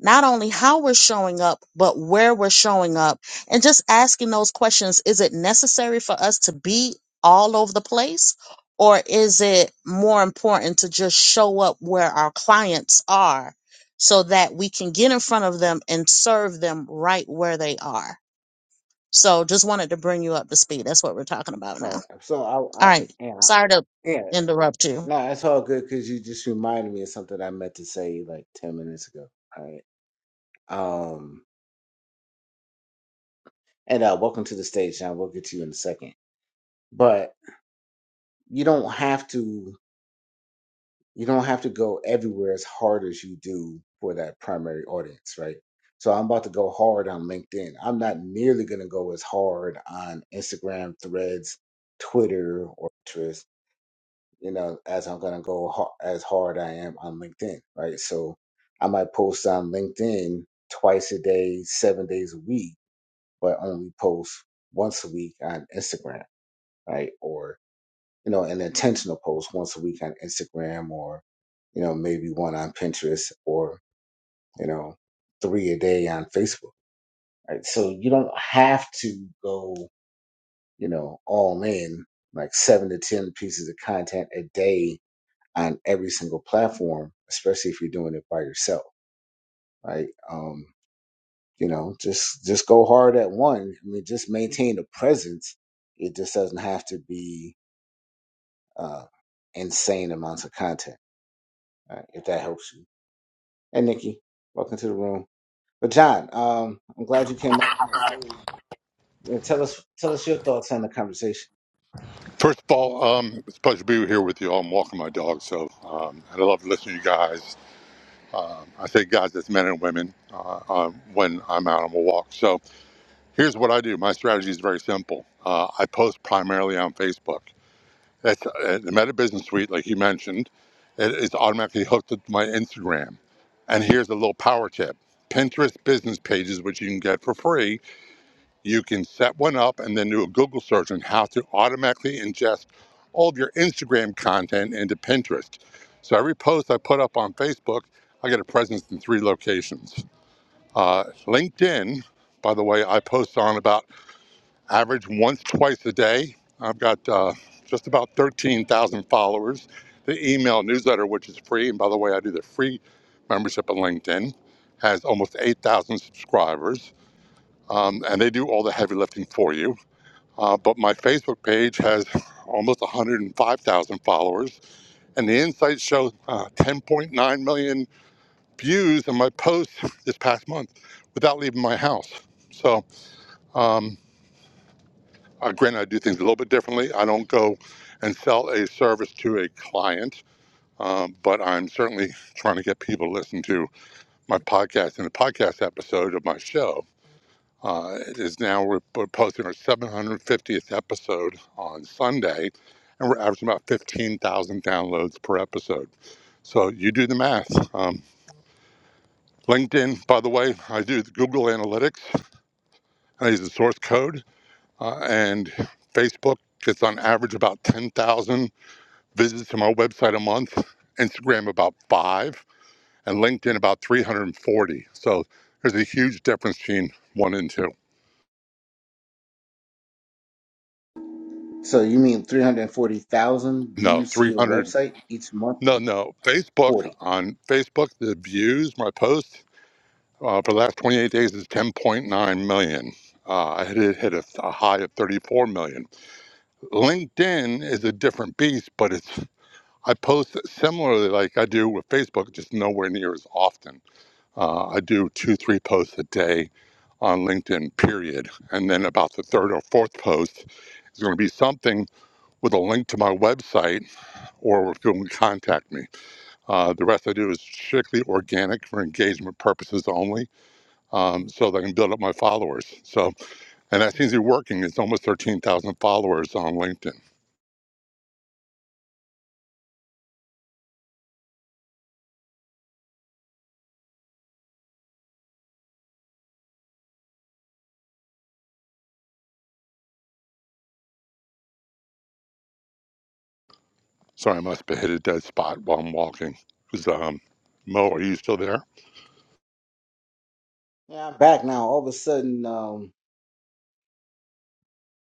Speaker 2: not only how we're showing up, but where we're showing up. And just asking those questions is it necessary for us to be all over the place? Or is it more important to just show up where our clients are so that we can get in front of them and serve them right where they are? So just wanted to bring you up to speed. That's what we're talking about now.
Speaker 1: right. So I, I
Speaker 2: All right.
Speaker 1: yeah,
Speaker 2: Sorry to
Speaker 1: yeah.
Speaker 2: interrupt you.
Speaker 1: No, it's all good because you just reminded me of something I meant to say like ten minutes ago. All right. Um, and uh, welcome to the stage, John. We'll get to you in a second. But you don't have to. You don't have to go everywhere as hard as you do for that primary audience, right? So I'm about to go hard on LinkedIn. I'm not nearly going to go as hard on Instagram, Threads, Twitter, or Pinterest. you know, as I'm gonna go ha- as hard I am on LinkedIn, right? So I might post on LinkedIn twice a day, seven days a week, but only post once a week on Instagram, right? Or you know, an intentional post once a week on Instagram, or you know, maybe one on Pinterest, or you know, three a day on Facebook, right? So you don't have to go, you know, all in like seven to ten pieces of content a day on every single platform, especially if you're doing it by yourself, right? Um, you know, just just go hard at one. I mean, just maintain a presence. It just doesn't have to be uh, insane amounts of content, right? if that helps you. And Nikki, welcome to the room. But John, um, I'm glad you came up on stage. Yeah, tell us tell us your thoughts on the conversation.
Speaker 3: First of all, um, it's a pleasure to be here with you all. I'm walking my dog, so um, and I love listening to you guys. I say guys, that's men and women uh, um, when I'm out on a walk. So here's what I do. My strategy is very simple. Uh, I post primarily on Facebook. That's uh, the Meta Business Suite, like you mentioned. It is automatically hooked up to my Instagram. And here's a little power tip: Pinterest business pages, which you can get for free you can set one up and then do a Google search on how to automatically ingest all of your Instagram content into Pinterest. So every post I put up on Facebook, I get a presence in three locations. Uh, LinkedIn, by the way, I post on about average once, twice a day. I've got uh, just about 13,000 followers. The email newsletter, which is free, and by the way, I do the free membership on LinkedIn, has almost 8,000 subscribers, um, and they do all the heavy lifting for you. Uh, but my Facebook page has almost 105,000 followers, and the insights show uh, 10.9 million views on my posts this past month without leaving my house. So, um, uh, granted, I do things a little bit differently. I don't go and sell a service to a client, um, but I'm certainly trying to get people to listen to my podcast in a podcast episode of my show uh, it is now we're, we're posting our 750th episode on Sunday, and we're averaging about 15,000 downloads per episode. So you do the math. Um, LinkedIn, by the way, I do the Google Analytics. I use the source code, uh, and Facebook gets on average about 10,000 visits to my website a month. Instagram about five, and LinkedIn about 340. So there's a huge difference between one and two.
Speaker 1: So you mean 340,000
Speaker 3: No,
Speaker 1: views to your
Speaker 3: 300.
Speaker 1: website each month?
Speaker 3: No, no. Facebook
Speaker 1: 40.
Speaker 3: on Facebook, the views my post uh, for the last 28 days is 10.9 million. Uh, I hit hit a, a high of 34 million. LinkedIn is a different beast, but it's I post similarly like I do with Facebook, just nowhere near as often. Uh, I do two, three posts a day on LinkedIn, period. And then about the third or fourth post is going to be something with a link to my website or if you can contact me. Uh, the rest I do is strictly organic for engagement purposes only, um, so that I can build up my followers. So, and that seems to be working. It's almost 13,000 followers on LinkedIn. Sorry, I must have hit a dead spot while I'm walking. Is, um, Mo, are you still there?
Speaker 1: Yeah, I'm back now. All of a sudden, um,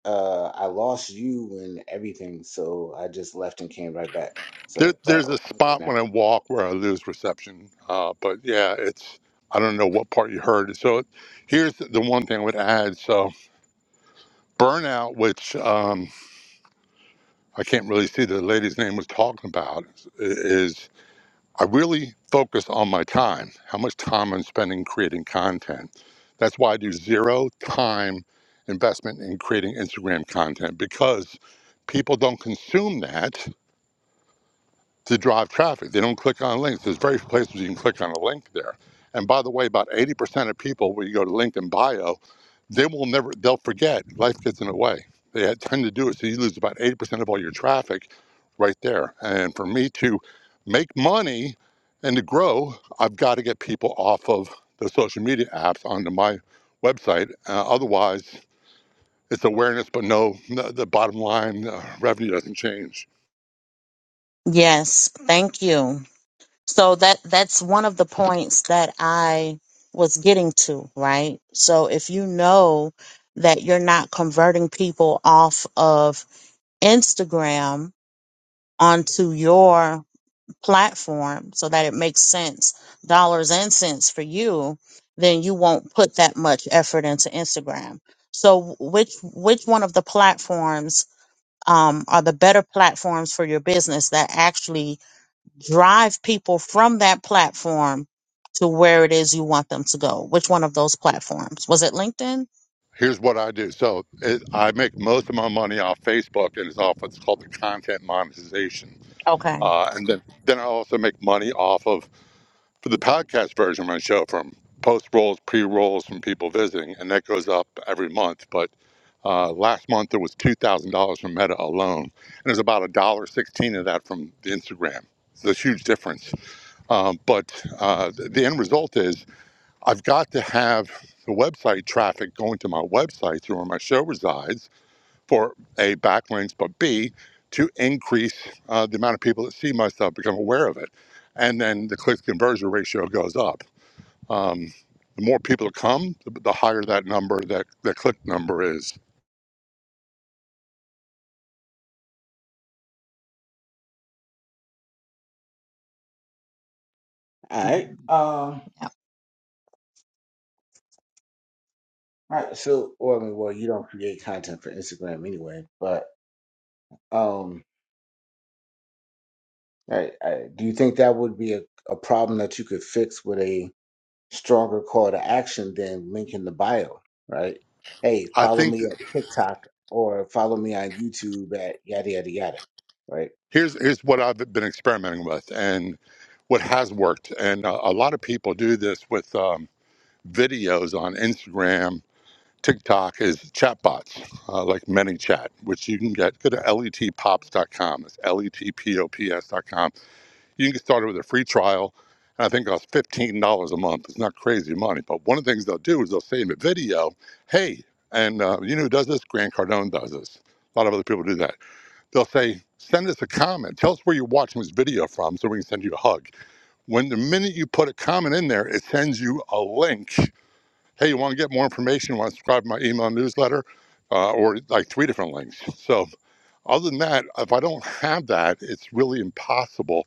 Speaker 1: uh I lost you and everything, so I just left and came right back.
Speaker 3: there?
Speaker 1: So, but
Speaker 3: There's a
Speaker 1: oh, I'm good
Speaker 3: spot
Speaker 1: now.
Speaker 3: when I walk where I lose reception. Uh, but yeah, it's, I don't know what part you heard. So here's the one thing I would add. So burnout, which um, I can't really see the lady's name was talking about, is I really focus on my time, how much time I'm spending creating content. That's why I do zero time investment in creating Instagram content because people don't consume that to drive traffic. They don't click on links. There's various places you can click on a link there. And by the way, about 80% of people, when you go to LinkedIn bio, they will never, they'll forget. Life gets in the way. They tend to do it. So you lose about 80% of all your traffic right there. And for me to make money and to grow, I've got to get people off of the social media apps onto my website. Uh, otherwise, it's awareness, but no, the the bottom line uh, revenue doesn't change.
Speaker 2: Yes. Thank you. So that that's one of the points that I was getting to, right? So if you know that you're not converting people off of Instagram onto your platform so that it makes sense, dollars and cents for you, then you won't put that much effort into Instagram. So which which one of the platforms um, are the better platforms for your business that actually drive people from that platform to where it is you want them to go. Which one of those platforms? Was it LinkedIn?
Speaker 3: here's what I do. So it, I make most of my money off Facebook, and it's off what's called the content monetization.
Speaker 2: Okay.
Speaker 3: Uh, and then then I also make money off of for the podcast version of my show from post rolls, pre rolls from people visiting, and that goes up every month. But uh, last month there was two thousand dollars from Meta alone, and there's about a dollar sixteen of that from the Instagram. It's a huge difference. Um, but uh, the the end result is I've got to have the website traffic going to my website through where my show resides for A, backlinks, but B, to increase uh, the amount of people that see my stuff, become aware of it. And then the click conversion ratio goes up. Um, the more people that come, the, the higher that number, that, that click number is.
Speaker 1: All right. Um.
Speaker 2: Yeah.
Speaker 1: All right. So, well, I mean, well, you don't create content for Instagram anyway, but um, all right, all right. do you think that would be a, a problem that you could fix with a stronger call to action than link in the bio, right? Hey,
Speaker 3: I
Speaker 1: follow
Speaker 3: think
Speaker 1: me
Speaker 3: that
Speaker 1: at TikTok or follow me on YouTube at yada yada yada, right?
Speaker 3: here's, here's what I've been experimenting with and what has worked. And uh, a lot of people do this with um, videos on Instagram TikTok is chatbots, uh, like ManyChat, which you can get. Go to letpops.com. It's letpops.com. You can get started with a free trial, and I think it costs fifteen dollars a month. It's not crazy money, but one of the things they'll do is they'll say in the video. Hey, and uh, you know who does this? Grant Cardone does this. A lot of other people do that. They'll say, send us a comment. Tell us where you're watching this video from so we can send you a hug. When the minute you put a comment in there, it sends you a link Hey, you want to get more information? Want to subscribe to my email newsletter uh, or like three different links? So, other than that, if I don't have that, it's really impossible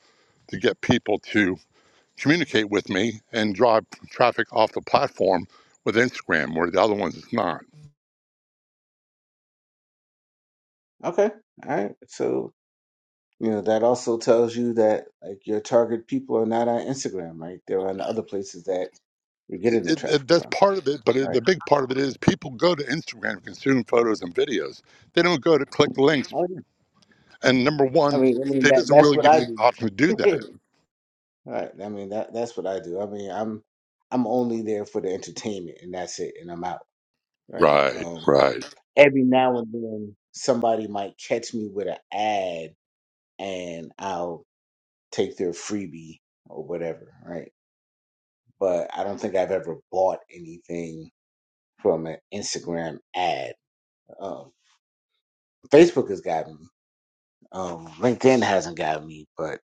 Speaker 3: to get people to communicate with me and drive traffic off the platform with Instagram, where the other ones is not.
Speaker 1: Okay. All right. So You know, that also tells you that like your target people are not on Instagram, right? They're on the other places that you're
Speaker 3: It,
Speaker 1: getting the
Speaker 3: it, it,
Speaker 1: traffic
Speaker 3: that's
Speaker 1: from,
Speaker 3: part of it, but it,
Speaker 1: right?
Speaker 3: the big part of it is people go to Instagram to consume photos and videos. They don't go to click links.
Speaker 1: Oh, yeah.
Speaker 3: And number
Speaker 1: I
Speaker 3: one,
Speaker 1: mean, I mean
Speaker 3: it
Speaker 1: that
Speaker 3: doesn't
Speaker 1: that's
Speaker 3: really
Speaker 1: what
Speaker 3: give
Speaker 1: I
Speaker 3: you the
Speaker 1: do.
Speaker 3: option to do that.
Speaker 1: right. I mean that that's what I do. I mean, I'm I'm only there for the entertainment and that's it and I'm out, right?
Speaker 3: Right,
Speaker 1: Um
Speaker 3: right.
Speaker 1: every now and then somebody might catch me with an ad and I'll take their freebie or whatever, right? But I don't think I've ever bought anything from an Instagram ad. Um, Facebook has got me. Um, LinkedIn hasn't got me, but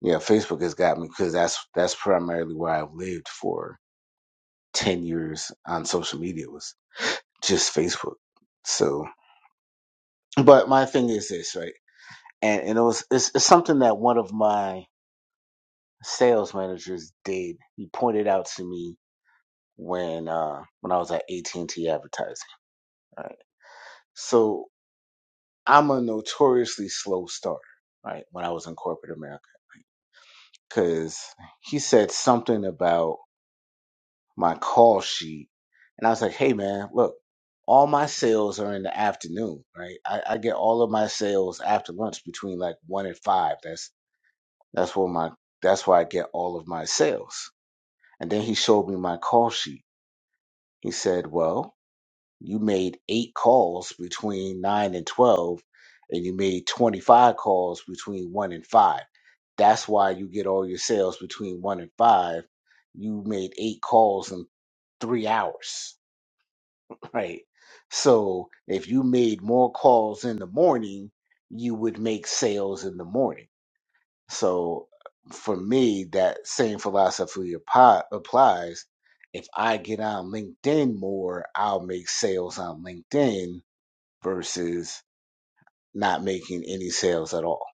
Speaker 1: yeah, Facebook has got me because that's that's primarily where I've lived for ten years on social media was just Facebook. So, but my thing is this, right? And, and it was it's, it's something that one of my sales managers did. He pointed out to me when uh when I was at AT and T advertising. Right. So I'm a notoriously slow starter, right? When I was in corporate America, because he said something about my call sheet, and I was like, "Hey, man, look, all my sales are in the afternoon, right? I, I get all of my sales after lunch between like one and five. That's that's where my that's where I get all of my sales." And then he showed me my call sheet. He said, "Well." You made eight calls between nine and twelve, and you made twenty-five calls between one and five. That's why you get all your sales between one and five. You made eight calls in three hours, right? So if you made more calls in the morning, you would make sales in the morning. So for me, that same philosophy appli- applies. If I get on LinkedIn more, I'll make sales on LinkedIn versus not making any sales at all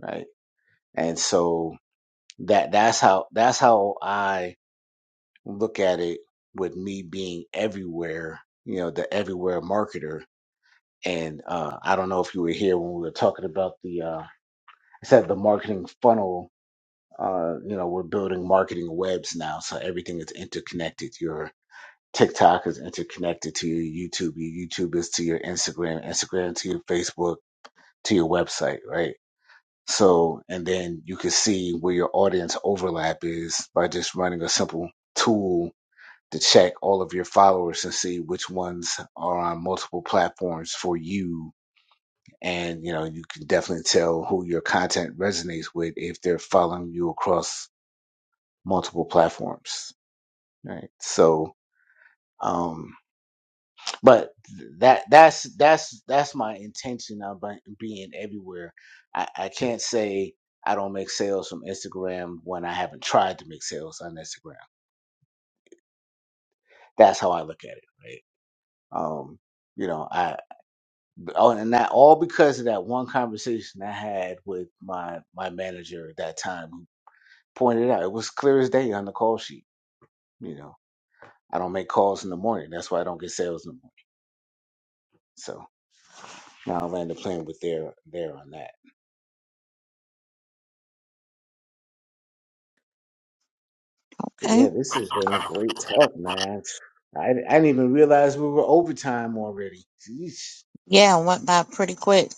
Speaker 1: right and so that that's how that's how i look at it with me being everywhere you know the everywhere marketer and uh i don't know if you were here when we were talking about the uh i said the marketing funnel uh you know we're building marketing webs now so everything is interconnected your tiktok is interconnected to your youtube your youtube is to your instagram instagram to your facebook to your website right So, and then you can see where your audience overlap is by just running a simple tool to check all of your followers and see which ones are on multiple platforms for you. And, you know, you can definitely tell who your content resonates with if they're following you across multiple platforms. Right. So, um, but that that's that's that's my intention of be- being everywhere I, I can't say i don't make sales from instagram when i haven't tried to make sales on instagram that's how i look at it right um you know i oh and that all because of that one conversation i had with my my manager at that time who pointed out it was clear as day on the call sheet you know i don't make calls in the morning that's why i don't get sales in the morning so now i'll land the plane with there there on that But
Speaker 2: Okay.
Speaker 1: yeah, this has been a great talk, man. I, I didn't even realize we were overtime already. Jeez.
Speaker 2: Yeah, it went by pretty quick.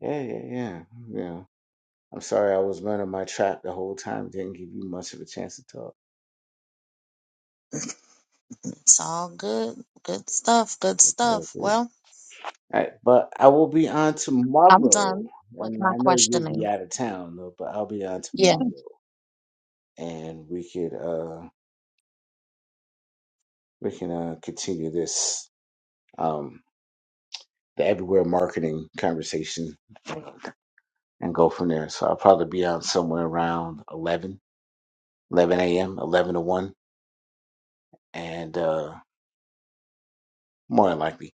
Speaker 1: Yeah, yeah, yeah, yeah. I'm sorry I was running my trap the whole time. Didn't give you much of a chance to talk.
Speaker 2: It's all good. Good stuff. Good stuff.
Speaker 1: Okay.
Speaker 2: Well,
Speaker 1: All right, but I will be on
Speaker 2: I'm
Speaker 1: tomorrow.
Speaker 2: done
Speaker 1: I
Speaker 2: with
Speaker 1: mean,
Speaker 2: my
Speaker 1: I know you'll be
Speaker 2: questioning.
Speaker 1: out of town though, but I'll be on
Speaker 2: Yeah.
Speaker 1: tomorrow, and we could uh we can uh continue this um the everywhere marketing conversation. and go from there. So I'll probably be on somewhere around 11, 11 a.m., 11 to 1. And uh, more than likely,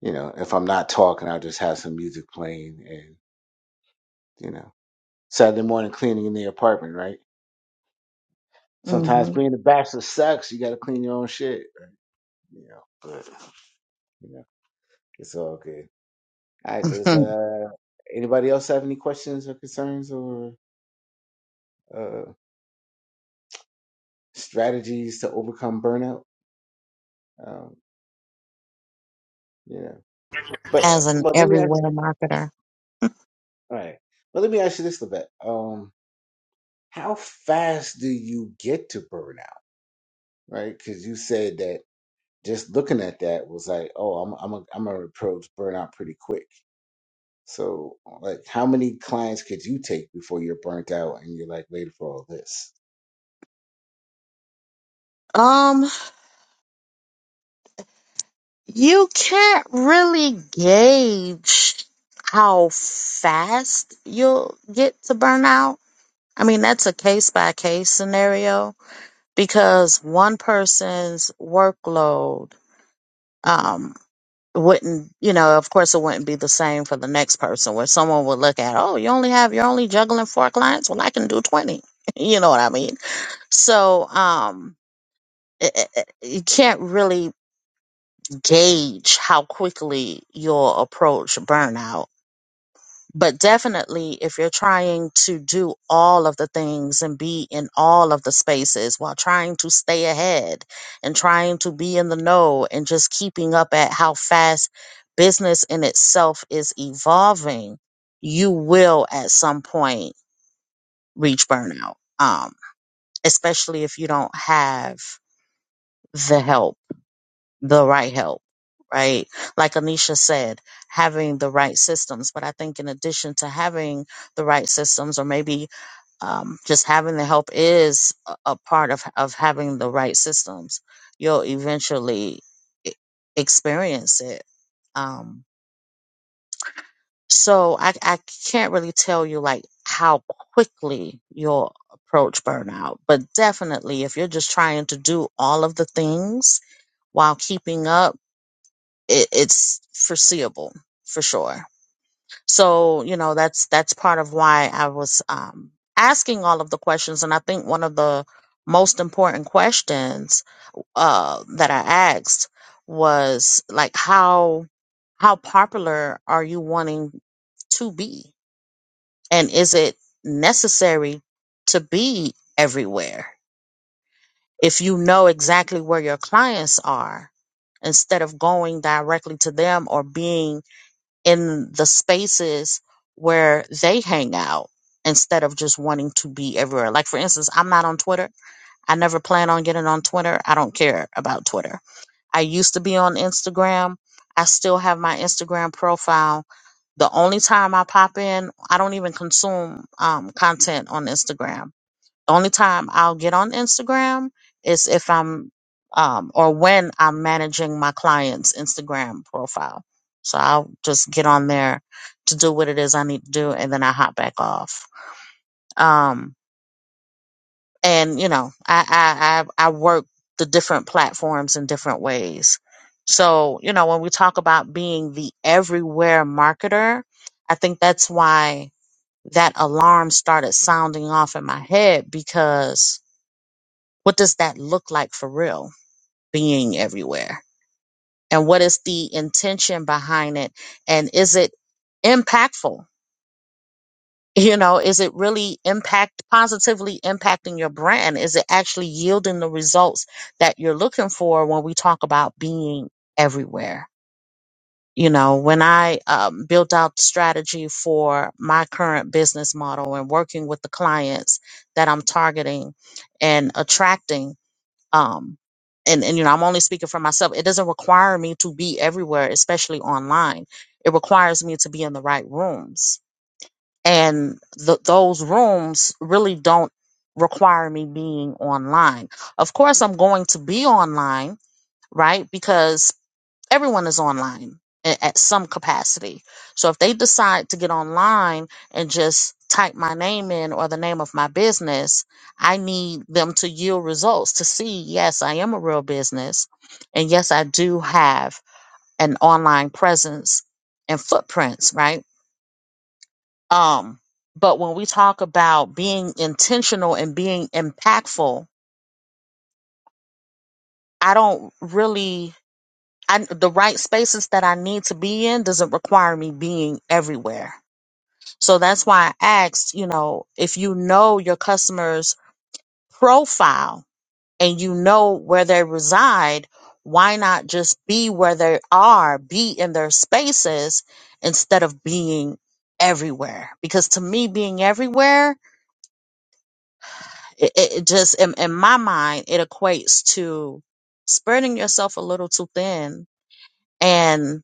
Speaker 1: you know, if I'm not talking, I'll just have some music playing and, you know, Saturday morning cleaning in the apartment, right? Sometimes
Speaker 2: hmm
Speaker 1: being a bachelor sucks. You got to clean your own shit, you know, but, you know, it's all good. All right. Does uh, anybody else have any questions or concerns or uh, strategies to overcome burnout? Um, you know, but,
Speaker 2: As an
Speaker 1: but let me ask.
Speaker 2: everywhere marketer.
Speaker 1: All right. Well, let me ask you this, Levette. Um, how fast do you get to burnout? Right? Because you said that just looking at that was like, oh, I'm I'm a, I'm gonna approach burnout pretty quick. So, like, how many clients could you take before you're burnt out and you're like waiting for all this?
Speaker 2: Um, you can't really gauge how fast you'll get to burnout. I mean, that's a case by case scenario because one person's workload, um, wouldn't you know of course it wouldn't be the same for the next person where someone would look at oh you only have you're only juggling four clients well i can do 20 you know what i mean so um it, it, it- you can't really gauge how quickly you'll approach burnout but definitely, if you're trying to do all of the things and be in all of the spaces while trying to stay ahead and trying to be in the know and just keeping up at how fast business in itself is evolving, you will at some point reach burnout, um, especially if you don't have the help the right help, right? Like Anisha said, having the right systems. But I think in addition to having the right systems, or maybe um, just having the help is a a part of, of having the right systems, you'll eventually e- experience it. Um, so I, I can't really tell you like how quickly you'll approach burnout, but definitely if you're just trying to do all of the things while keeping up it, it's foreseeable for sure. So, you know, that's that's part of why I was um, asking all of the questions, and I think one of the most important questions uh, that I asked was like how how popular are you wanting to be, and is it necessary to be everywhere? If you know exactly where your clients are, instead of going directly to them or being in the spaces where they hang out instead of just wanting to be everywhere. Like, for instance, I'm not on Twitter. I never plan on getting on Twitter. I don't care about Twitter. I used to be on Instagram. I still have my Instagram profile. The only time I pop in, I don't even consume um, content on Instagram only time I'll get on Instagram is if I'm um, or when I'm managing my client's Instagram profile. So I'll just get on there to do what it is I need to do, and then I hop back off. Um, and you know, I I I, I work the different platforms in different ways. So you know, when we talk about being the everywhere marketer, I think that's why that alarm started sounding off in my head because what does that look like for real being everywhere and what is the intention behind it and is it impactful you know is it really impact positively impacting your brand is it actually yielding the results that you're looking for when we talk about being everywhere you know when i um, built out the strategy for my current business model and working with the clients that i'm targeting and attracting um and and you know i'm only speaking for myself it doesn't require me to be everywhere especially online it requires me to be in the right rooms and th- those rooms really don't require me being online of course i'm going to be online right because everyone is online a- at some capacity. So if they decide to get online and just type my name in or the name of my business, I need them to yield results to see, yes, I am a real business. And yes, I do have an online presence and footprints, right? Um, but when we talk about being intentional and being impactful, I don't really I, the right spaces that I need to be in doesn't require me being everywhere So that's why I asked, you know, if you know your customer's profile and you know where they reside, why not just be where they are, be in their spaces instead of being everywhere? Because to me, being everywhere, it, it it just, in, in my mind, it equates to spreading yourself a little too thin. And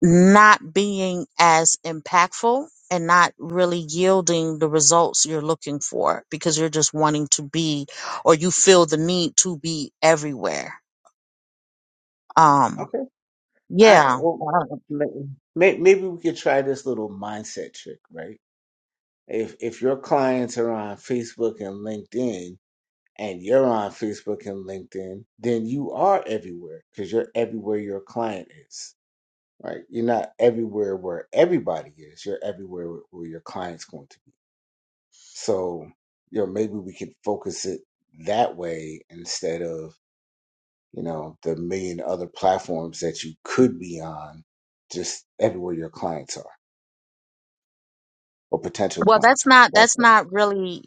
Speaker 2: not being as impactful and not really yielding the results you're looking for because you're just wanting to be or you feel the need to be everywhere. Um
Speaker 1: Okay. All right.
Speaker 2: yeah.
Speaker 1: Well, may- may- maybe we could try this little mindset trick, right? If if your clients are on Facebook and LinkedIn and you're on Facebook and LinkedIn, then you are everywhere because you're everywhere your client is, right? You're not everywhere where everybody is. You're everywhere where your client's going to be. So, you know, maybe we could focus it that way instead of, you know, the million other platforms that you could be on, just everywhere your clients are or potential
Speaker 2: Well, that's
Speaker 1: clients are.
Speaker 2: not
Speaker 1: Like
Speaker 2: that's
Speaker 1: that.
Speaker 2: not really,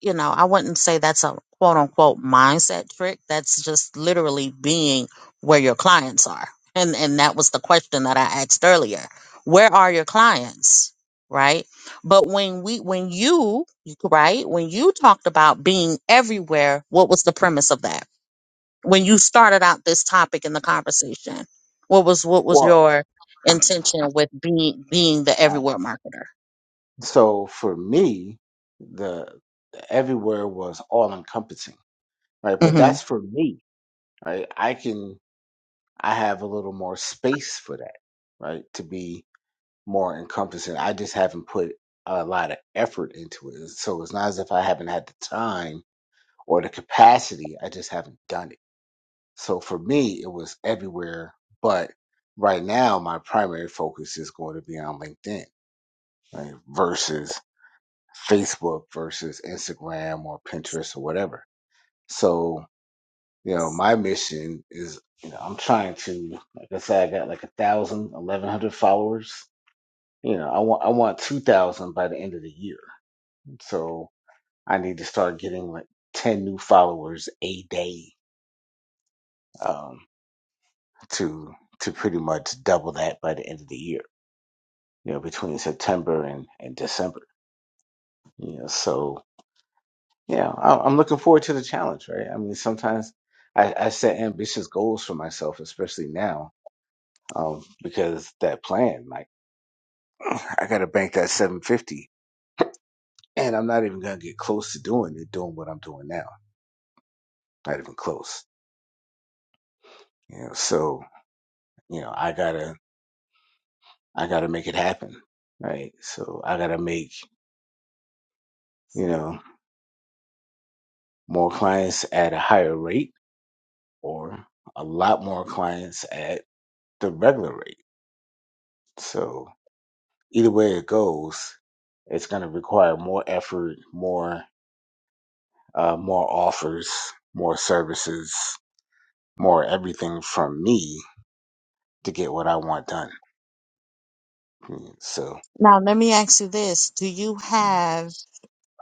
Speaker 2: you know, I wouldn't say that's a quote unquote mindset trick. That's just literally being where your clients are. And and that was the question that I asked earlier. Where are your clients? Right? But when we when you right, when you talked about being everywhere, what was the premise of that? When you started out this topic in the conversation, what was what was
Speaker 1: Well,
Speaker 2: your intention with being being the
Speaker 1: I-
Speaker 2: everywhere marketer?
Speaker 1: so for me, the the everywhere was all encompassing right? But
Speaker 2: Mm-hmm.
Speaker 1: that's for me, right? I can, I have a little more space for that, right? To be more encompassing. I just haven't put a lot of effort into it. So it's not as if I haven't had the time or the capacity. I just haven't done it. So for me, it was everywhere. But right now, my primary focus is going to be on LinkedIn, right? Versus Facebook versus Instagram or Pinterest or whatever. So. You know, my mission is, you know, I'm trying to, like I said, I got like a thousand, eleven hundred followers. You know, I want I want two thousand by the end of the year. So I need to start getting like ten new followers a day, um, to to pretty much double that by the end of the year. You know, between September and and December. You know, so yeah, I, I'm looking forward to the challenge. Right? I mean, sometimes I, I set ambitious goals for myself, especially now um, because that plan. like, I gotta bank that 750. And I'm not even gonna get close to doing it, doing what I'm doing now. Not even close. You know, so, you know, I gotta, I gotta make it happen. Right. So I gotta make, you know, more clients at a higher rate or a lot more clients at the regular rate. So either way it goes, it's gonna require more effort, more, uh, more offers, more services, more everything from me to get what I want done Mm, So,
Speaker 2: Now, let me ask you this. Do you have,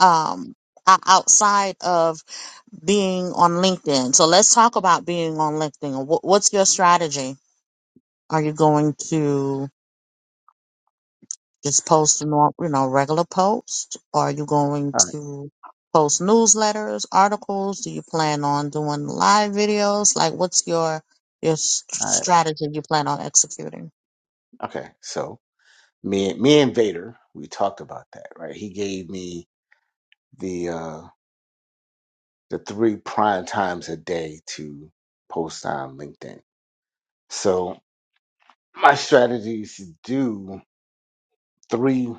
Speaker 2: um, o- outside of being on LinkedIn? So let's talk about being on LinkedIn. Wh- What's your strategy? Are you going to just post, a nor- you know, regular post? Are you going
Speaker 1: all right,
Speaker 2: to post newsletters, articles? Do you plan on doing live videos? Like, what's your, your s-
Speaker 1: all right,
Speaker 2: strategy you plan on executing?
Speaker 1: okay. So, me, me and Vader, we talked about that, right? He gave me the uh the three prime times a day to post on LinkedIn. So, my strategy is to do three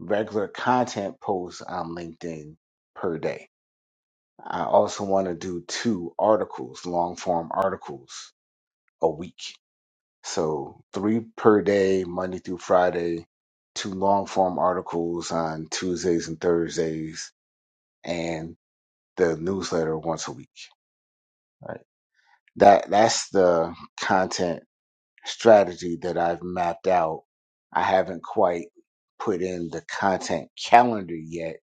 Speaker 1: regular content posts on LinkedIn per day. I also want to do two articles, long form articles a week. So three per day, Monday through Friday, two long form articles on Tuesdays and Thursdays, and the newsletter once a week. Right. That that's the content strategy that I've mapped out. I haven't quite put in the content calendar yet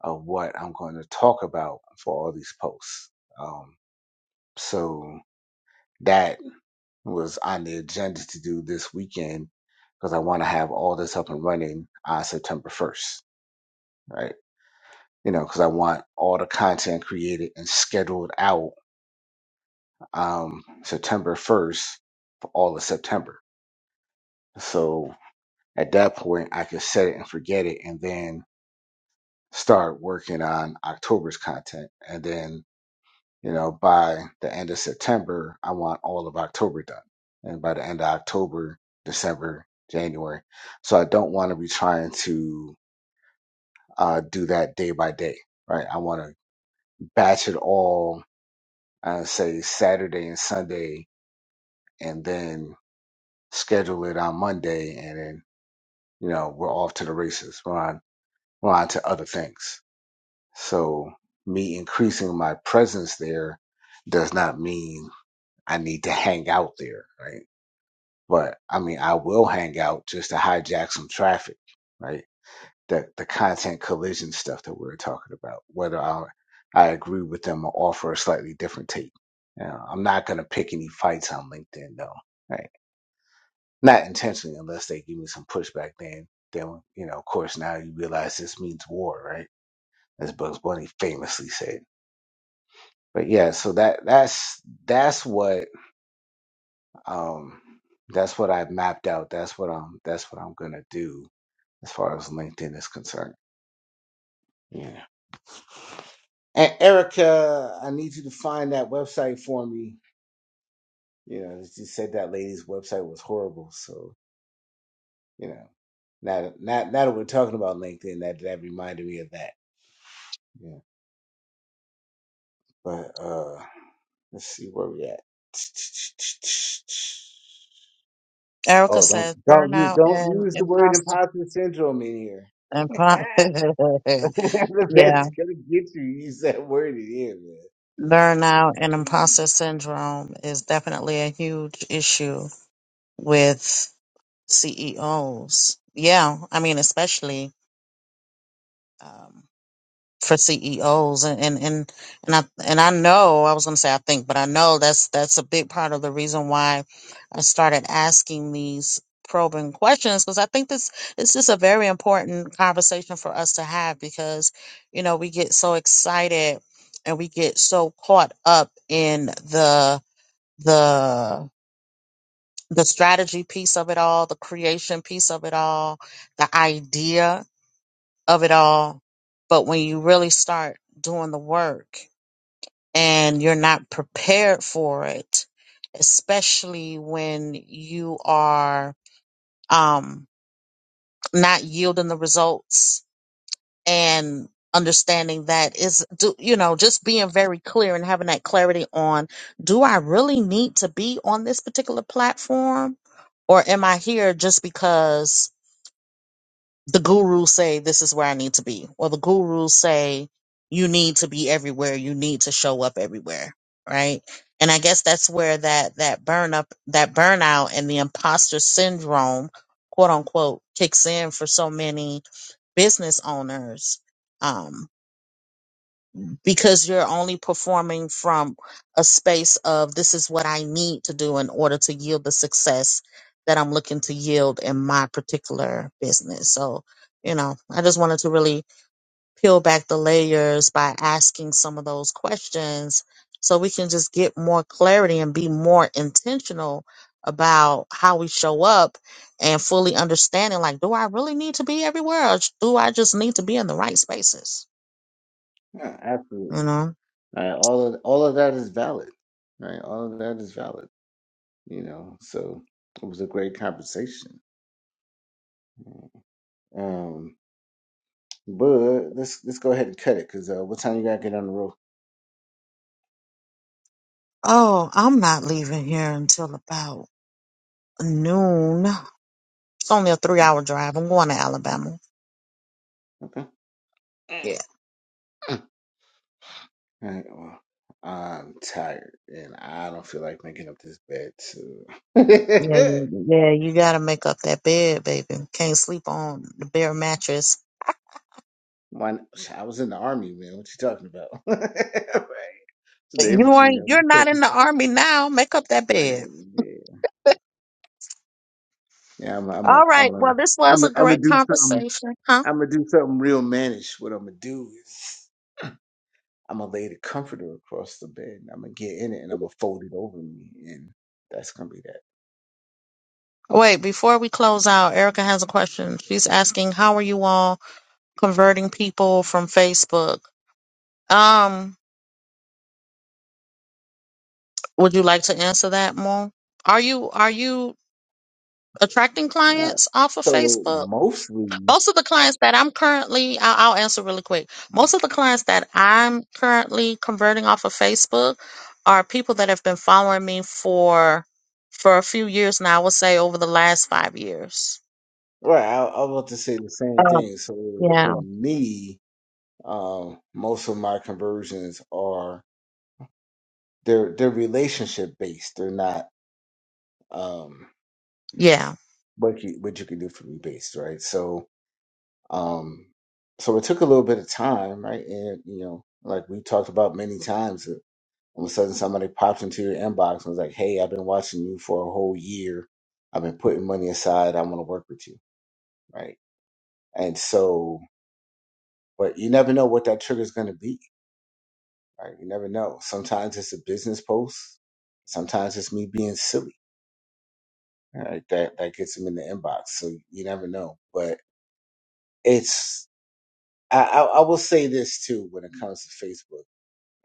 Speaker 1: of what I'm going to talk about for all these posts. Um, so that was on the agenda to do this weekend because I want to have all this up and running on September 1st, right? You know, because I want all the content created and scheduled out um, September 1st for all of September. So at that point, I can set it and forget it and then start working on October's content. And then you know, by the end of September, I want all of October done. And by the end of October, December, January. So I don't want to be trying to uh, do that day by day, right? I want to batch it all, uh, say Saturday and Sunday, and then schedule it on Monday. And then, you know, we're off to the races. We're on, we're on to other things. So me increasing my presence there does not mean I need to hang out there, right? but I mean, I will hang out just to hijack some traffic, right? The the content collision stuff that we were talking about, whether I I agree with them or offer a slightly different take. You know, I'm not gonna pick any fights on LinkedIn though, right? Not intentionally, unless they give me some pushback. Then then you know, of course, now you realize this means war, right? As Bugs Bunny famously said. But yeah, so that that's that's what um that's what I mapped out. That's what I'm that's what I'm gonna do as far as LinkedIn is concerned. Yeah. And Erica, I need you to find that website for me. You know, she said that lady's website was horrible. So, you know, now, that- now, now that we're talking about LinkedIn, that, that reminded me of that. Yeah. But uh let's see where we at.
Speaker 2: Erica
Speaker 1: Oh, don't
Speaker 2: says
Speaker 1: don't you
Speaker 2: burnout
Speaker 1: don't
Speaker 2: and
Speaker 1: use the word
Speaker 2: imposter.
Speaker 1: imposter syndrome in here.
Speaker 2: impo-
Speaker 1: the
Speaker 2: yeah,
Speaker 1: best gonna get you. Use that word in here,
Speaker 2: burnout and
Speaker 1: man.
Speaker 2: imposter syndrome is definitely a huge issue with CEOs. Yeah, I mean, especially. um, for CEOs and and and and I and I know I was going to say I think, but I know that's that's a big part of the reason why I started asking these probing questions because I think this it's just a very important conversation for us to have because you know we get so excited and we get so caught up in the the the strategy piece of it all, the creation piece of it all, the idea of it all. But when you really start doing the work and you're not prepared for it, especially when you are um, not yielding the results and understanding that is, do, you know, just being very clear and having that clarity on do I really need to be on this particular platform? Or am I here just because the gurus say this is where I need to be, or the gurus say you need to be everywhere, you need to show up everywhere, right? And I guess that's where that that burn up, that burnout, and the imposter syndrome, quote unquote, kicks in for so many business owners. um, because you're only performing from a space of this is what I need to do in order to yield the success that I'm looking to yield in my particular business. So, you know, I just wanted to really peel back the layers by asking some of those questions so we can just get more clarity and be more intentional about how we show up and fully understanding like do I really need to be everywhere or do I just need to be in the right spaces?
Speaker 1: Yeah, absolutely.
Speaker 2: You know?
Speaker 1: Right? All of all of that is valid. Right? All of that is valid. You know, so it was a great conversation. Um, but let's let's go ahead and cut it because uh, what time you gotta get on the road?
Speaker 2: Oh, I'm not leaving here until about noon. It's only a three hour drive. I'm going to Alabama.
Speaker 1: Okay.
Speaker 2: Yeah.
Speaker 1: All right. Well, I'm tired and I don't feel like making up this bed. So.
Speaker 2: Yeah, you- yeah, you gotta make up that bed, baby. Can't sleep on the bare mattress.
Speaker 1: One, I was in the army, man. What you talking about? Right. It's the
Speaker 2: You
Speaker 1: infantry, man.
Speaker 2: ain't
Speaker 1: What
Speaker 2: you're
Speaker 1: you
Speaker 2: not in
Speaker 1: talking-
Speaker 2: the army now. Make up that bed.
Speaker 1: Man, Yeah, yeah. I'm, a, I'm, a,
Speaker 2: All right.
Speaker 1: I'm, a,
Speaker 2: Well, this
Speaker 1: I'm,
Speaker 2: was
Speaker 1: a,
Speaker 2: a
Speaker 1: I'm gonna
Speaker 2: great
Speaker 1: do something.
Speaker 2: conversation, huh?
Speaker 1: I'm gonna do something real mannish. What I'm gonna do is I'm gonna lay the comforter across the bed. and I'm gonna get in it and I'm gonna fold it over me, and that's gonna be that.
Speaker 2: Wait, before we close out, Erica has a question. She's asking, how are you all converting people from Facebook? Um, would you like to answer that more? Are you are you attracting
Speaker 1: All right.
Speaker 2: clients off of
Speaker 1: So
Speaker 2: Facebook?
Speaker 1: mostly,
Speaker 2: Most of the clients that I'm currently, I'll, I'll answer really quick. Most of the clients that I'm currently converting off of Facebook are people that have been following me for for a few years now. I would say over the last five years.
Speaker 1: right? I, I was about to say the same
Speaker 2: Oh,
Speaker 1: thing. So for
Speaker 2: yeah,
Speaker 1: me, um, most of my conversions are they're they're relationship based. They're not um
Speaker 2: yeah,
Speaker 1: what you what you can do for me based, right? So Um, so it took a little bit of time, right? And you know, like we talked about many times, uh, all of a sudden somebody pops into your inbox and was like, "Hey, I've been watching you for a whole year. I've been putting money aside. I want to work with you," right? And so, but you never know what that trigger is going to be, right? You never know. Sometimes it's a business post. Sometimes it's me being silly, right? That that gets them in the inbox. So you never know. But it's I, I, I will say this too when it comes to Facebook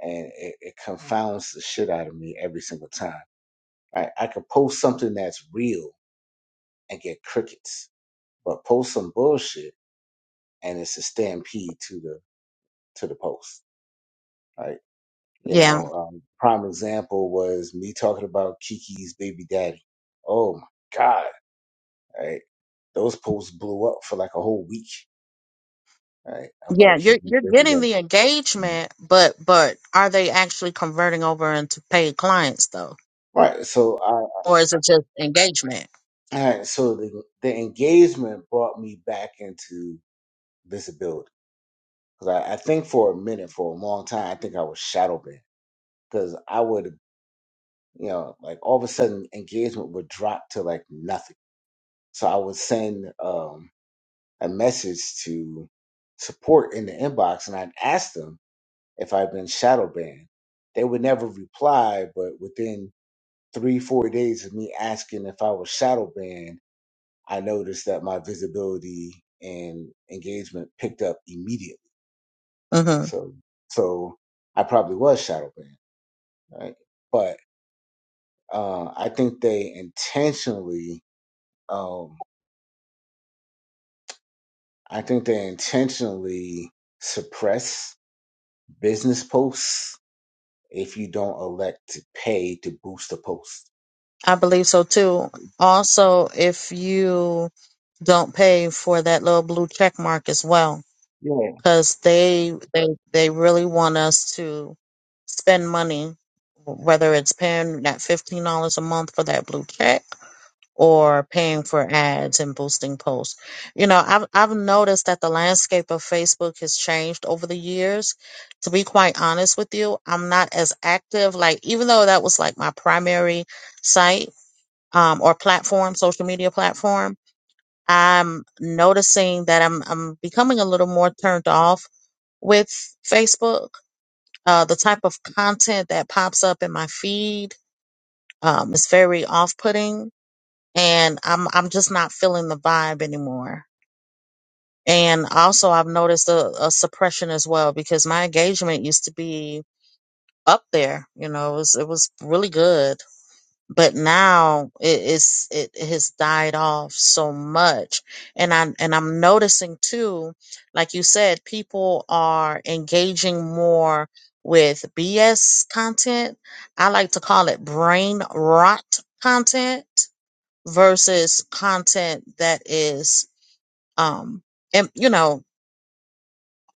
Speaker 1: and it, it confounds the shit out of me every single time. I, I could post something that's real and get crickets, but post some bullshit and it's a stampede to the to the post. Right? You
Speaker 2: yeah,
Speaker 1: know, um, prime example was me talking about Kiki's baby daddy. Oh my god! Right? Those posts blew up for like a whole week. Right? About
Speaker 2: yeah. You're
Speaker 1: Kiki's
Speaker 2: you're
Speaker 1: baby
Speaker 2: getting the
Speaker 1: daddy.
Speaker 2: engagement, but but are they actually converting over into paid clients though,
Speaker 1: Right. So I,
Speaker 2: or is it just engagement?
Speaker 1: I so the the engagement brought me back into visibility Cause I, I think for a minute, for a long time, I think I was shadow banned. Cause I would, you know, like all of a sudden engagement would drop to like nothing. So I would send um, a message to support in the inbox, and I'd ask them if I'd been shadow banned. They would never reply, but within three, four days of me asking if I was shadow banned, I noticed that my visibility and engagement picked up immediately.
Speaker 2: hmm
Speaker 1: So, so I probably was shadow banned. right? But uh, I think they intentionally, um, I think they intentionally suppress business posts if you don't elect to pay to boost a post.
Speaker 2: I believe so too. Also, if you don't pay for that little blue check mark as well
Speaker 1: Yeah,
Speaker 2: because they they they really want us to spend money whether it's paying that $15 a month for that blue check or paying for ads and boosting posts you know i've, I've noticed that the landscape of facebook has changed over the years to be quite honest with you i'm not as active like even though that was like my primary site um, or platform social media platform I'm noticing that I'm I'm becoming a little more turned off with Facebook. Uh, the type of content that pops up in my feed um, is very off-putting, and I'm I'm just not feeling the vibe anymore. And also, I've noticed a, a suppression as well because my engagement used to be up there. You know, it was it was really good, but now it is it has died off so much and i and i'm noticing too like you said people are engaging more with bs content i like to call it brain rot content versus content that is um im- you know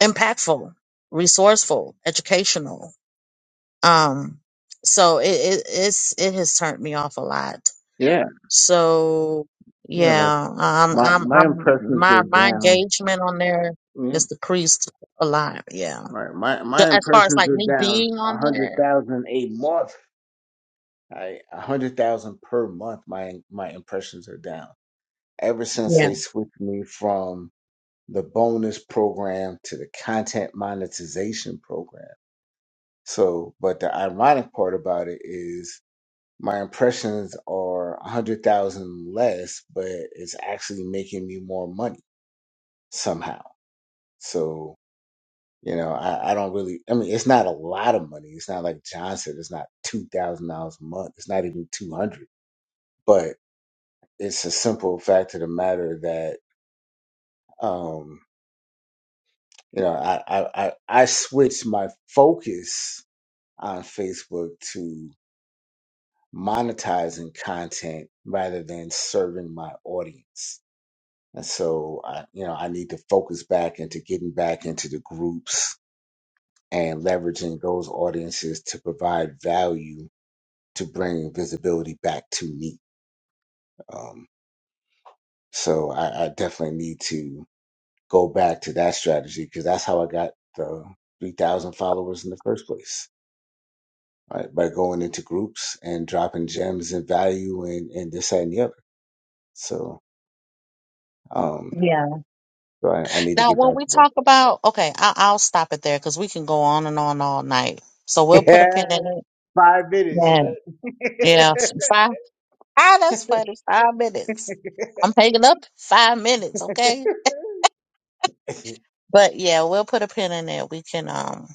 Speaker 2: impactful resourceful educational um so it, it it's it has turned me off a lot
Speaker 1: yeah,
Speaker 2: So
Speaker 1: yeah. Like
Speaker 2: yeah, um,
Speaker 1: my
Speaker 2: I'm,
Speaker 1: my
Speaker 2: I'm,
Speaker 1: impressions are
Speaker 2: my, my
Speaker 1: down.
Speaker 2: engagement on there
Speaker 1: Yeah,
Speaker 2: is decreased a lot. Yeah.
Speaker 1: right. My
Speaker 2: Ju-
Speaker 1: my
Speaker 2: As far as
Speaker 1: impressions
Speaker 2: like
Speaker 1: are
Speaker 2: me
Speaker 1: down
Speaker 2: being
Speaker 1: a
Speaker 2: on
Speaker 1: hundred
Speaker 2: there.
Speaker 1: thousand a month. I a hundred thousand per month. My my impressions are down ever since
Speaker 2: Yeah.
Speaker 1: they switched me from the bonus program to the content monetization program. So, but the ironic part about it is my impressions are 100,000 less, but it's actually making me more money somehow. So, you know, I, I don't really, I mean, it's not a lot of money. It's not like John said, it's not $2,000 a month. It's not even 200, but it's a simple fact of the matter that, um, you know, I, I, I, I switched my focus on Facebook to monetizing content rather than serving my audience. And so I, you know, I need to focus back into getting back into the groups and leveraging those audiences to provide value to bring visibility back to me. Um, so I, I definitely need to go back to that strategy because that's how I got the 3,000 followers in the first place right? By going into groups and dropping gems and value and, and this that, and the other. So, um,
Speaker 2: Yeah.
Speaker 1: so I, I need to
Speaker 2: Now,
Speaker 1: get
Speaker 2: when
Speaker 1: back
Speaker 2: we
Speaker 1: to that.
Speaker 2: talk about, okay, I, I'll stop it there because we can go on and on all night. So we'll put a
Speaker 1: Yeah,
Speaker 2: pin in it.
Speaker 1: five minutes,
Speaker 2: Yeah. Yeah.
Speaker 1: right?
Speaker 2: Five. Ah, that's funny. Five minutes. I'm hanging up five minutes. Okay.
Speaker 1: All
Speaker 2: But yeah, we'll put a pin in it. We can, um,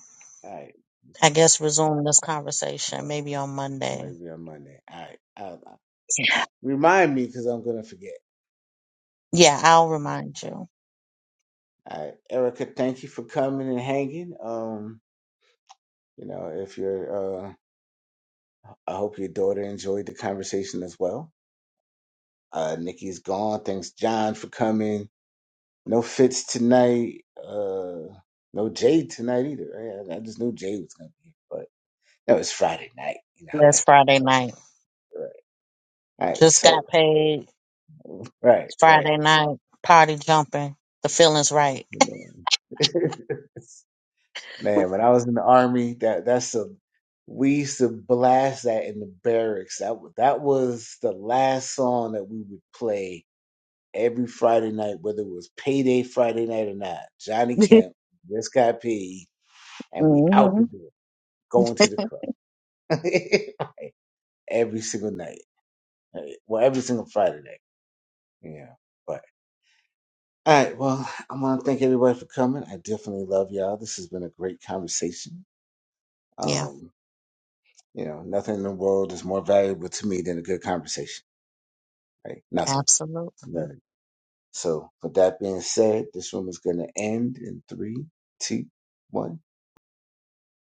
Speaker 1: right,
Speaker 2: I guess, resume this
Speaker 1: all
Speaker 2: conversation
Speaker 1: right.
Speaker 2: maybe on Monday.
Speaker 1: maybe on Monday. All right, I'll, I'll- remind me because I'm gonna forget. All
Speaker 2: Yeah, I'll
Speaker 1: right.
Speaker 2: remind you.
Speaker 1: All right, Erica, thank you for coming and hanging. Um, you know, if you're, uh, I hope your daughter enjoyed the conversation as well. Uh, Nikki's gone. Thanks, John, for coming. No Fitz tonight. Uh, no Jade tonight either. Right? I, I just knew Jade was gonna be, here, No, it's Friday night. You know how that
Speaker 2: Last Friday night.
Speaker 1: goes. Right. All right.
Speaker 2: Just
Speaker 1: So,
Speaker 2: got paid.
Speaker 1: right, right.
Speaker 2: Friday night. Party jumping. The feeling's right.
Speaker 1: You know. Man, when I was in the army, that that's a we used to blast that in the barracks. That wa- that was the last song that we would play every Friday night, whether it was payday Friday night or not. Johnny Kemp just got paid, and we out the
Speaker 2: hmm
Speaker 1: door, going to the club every single night. Right. Well, every single Friday night. Yeah, All right. Well, I want to thank everybody for coming. I definitely love y'all. This has been a great conversation.
Speaker 2: Yeah,
Speaker 1: Um, you know, nothing in the world is more valuable to me than a good conversation, right? Nothing.
Speaker 2: absolutely.
Speaker 1: None. So, with that being said, this room is going to end in three, two, one.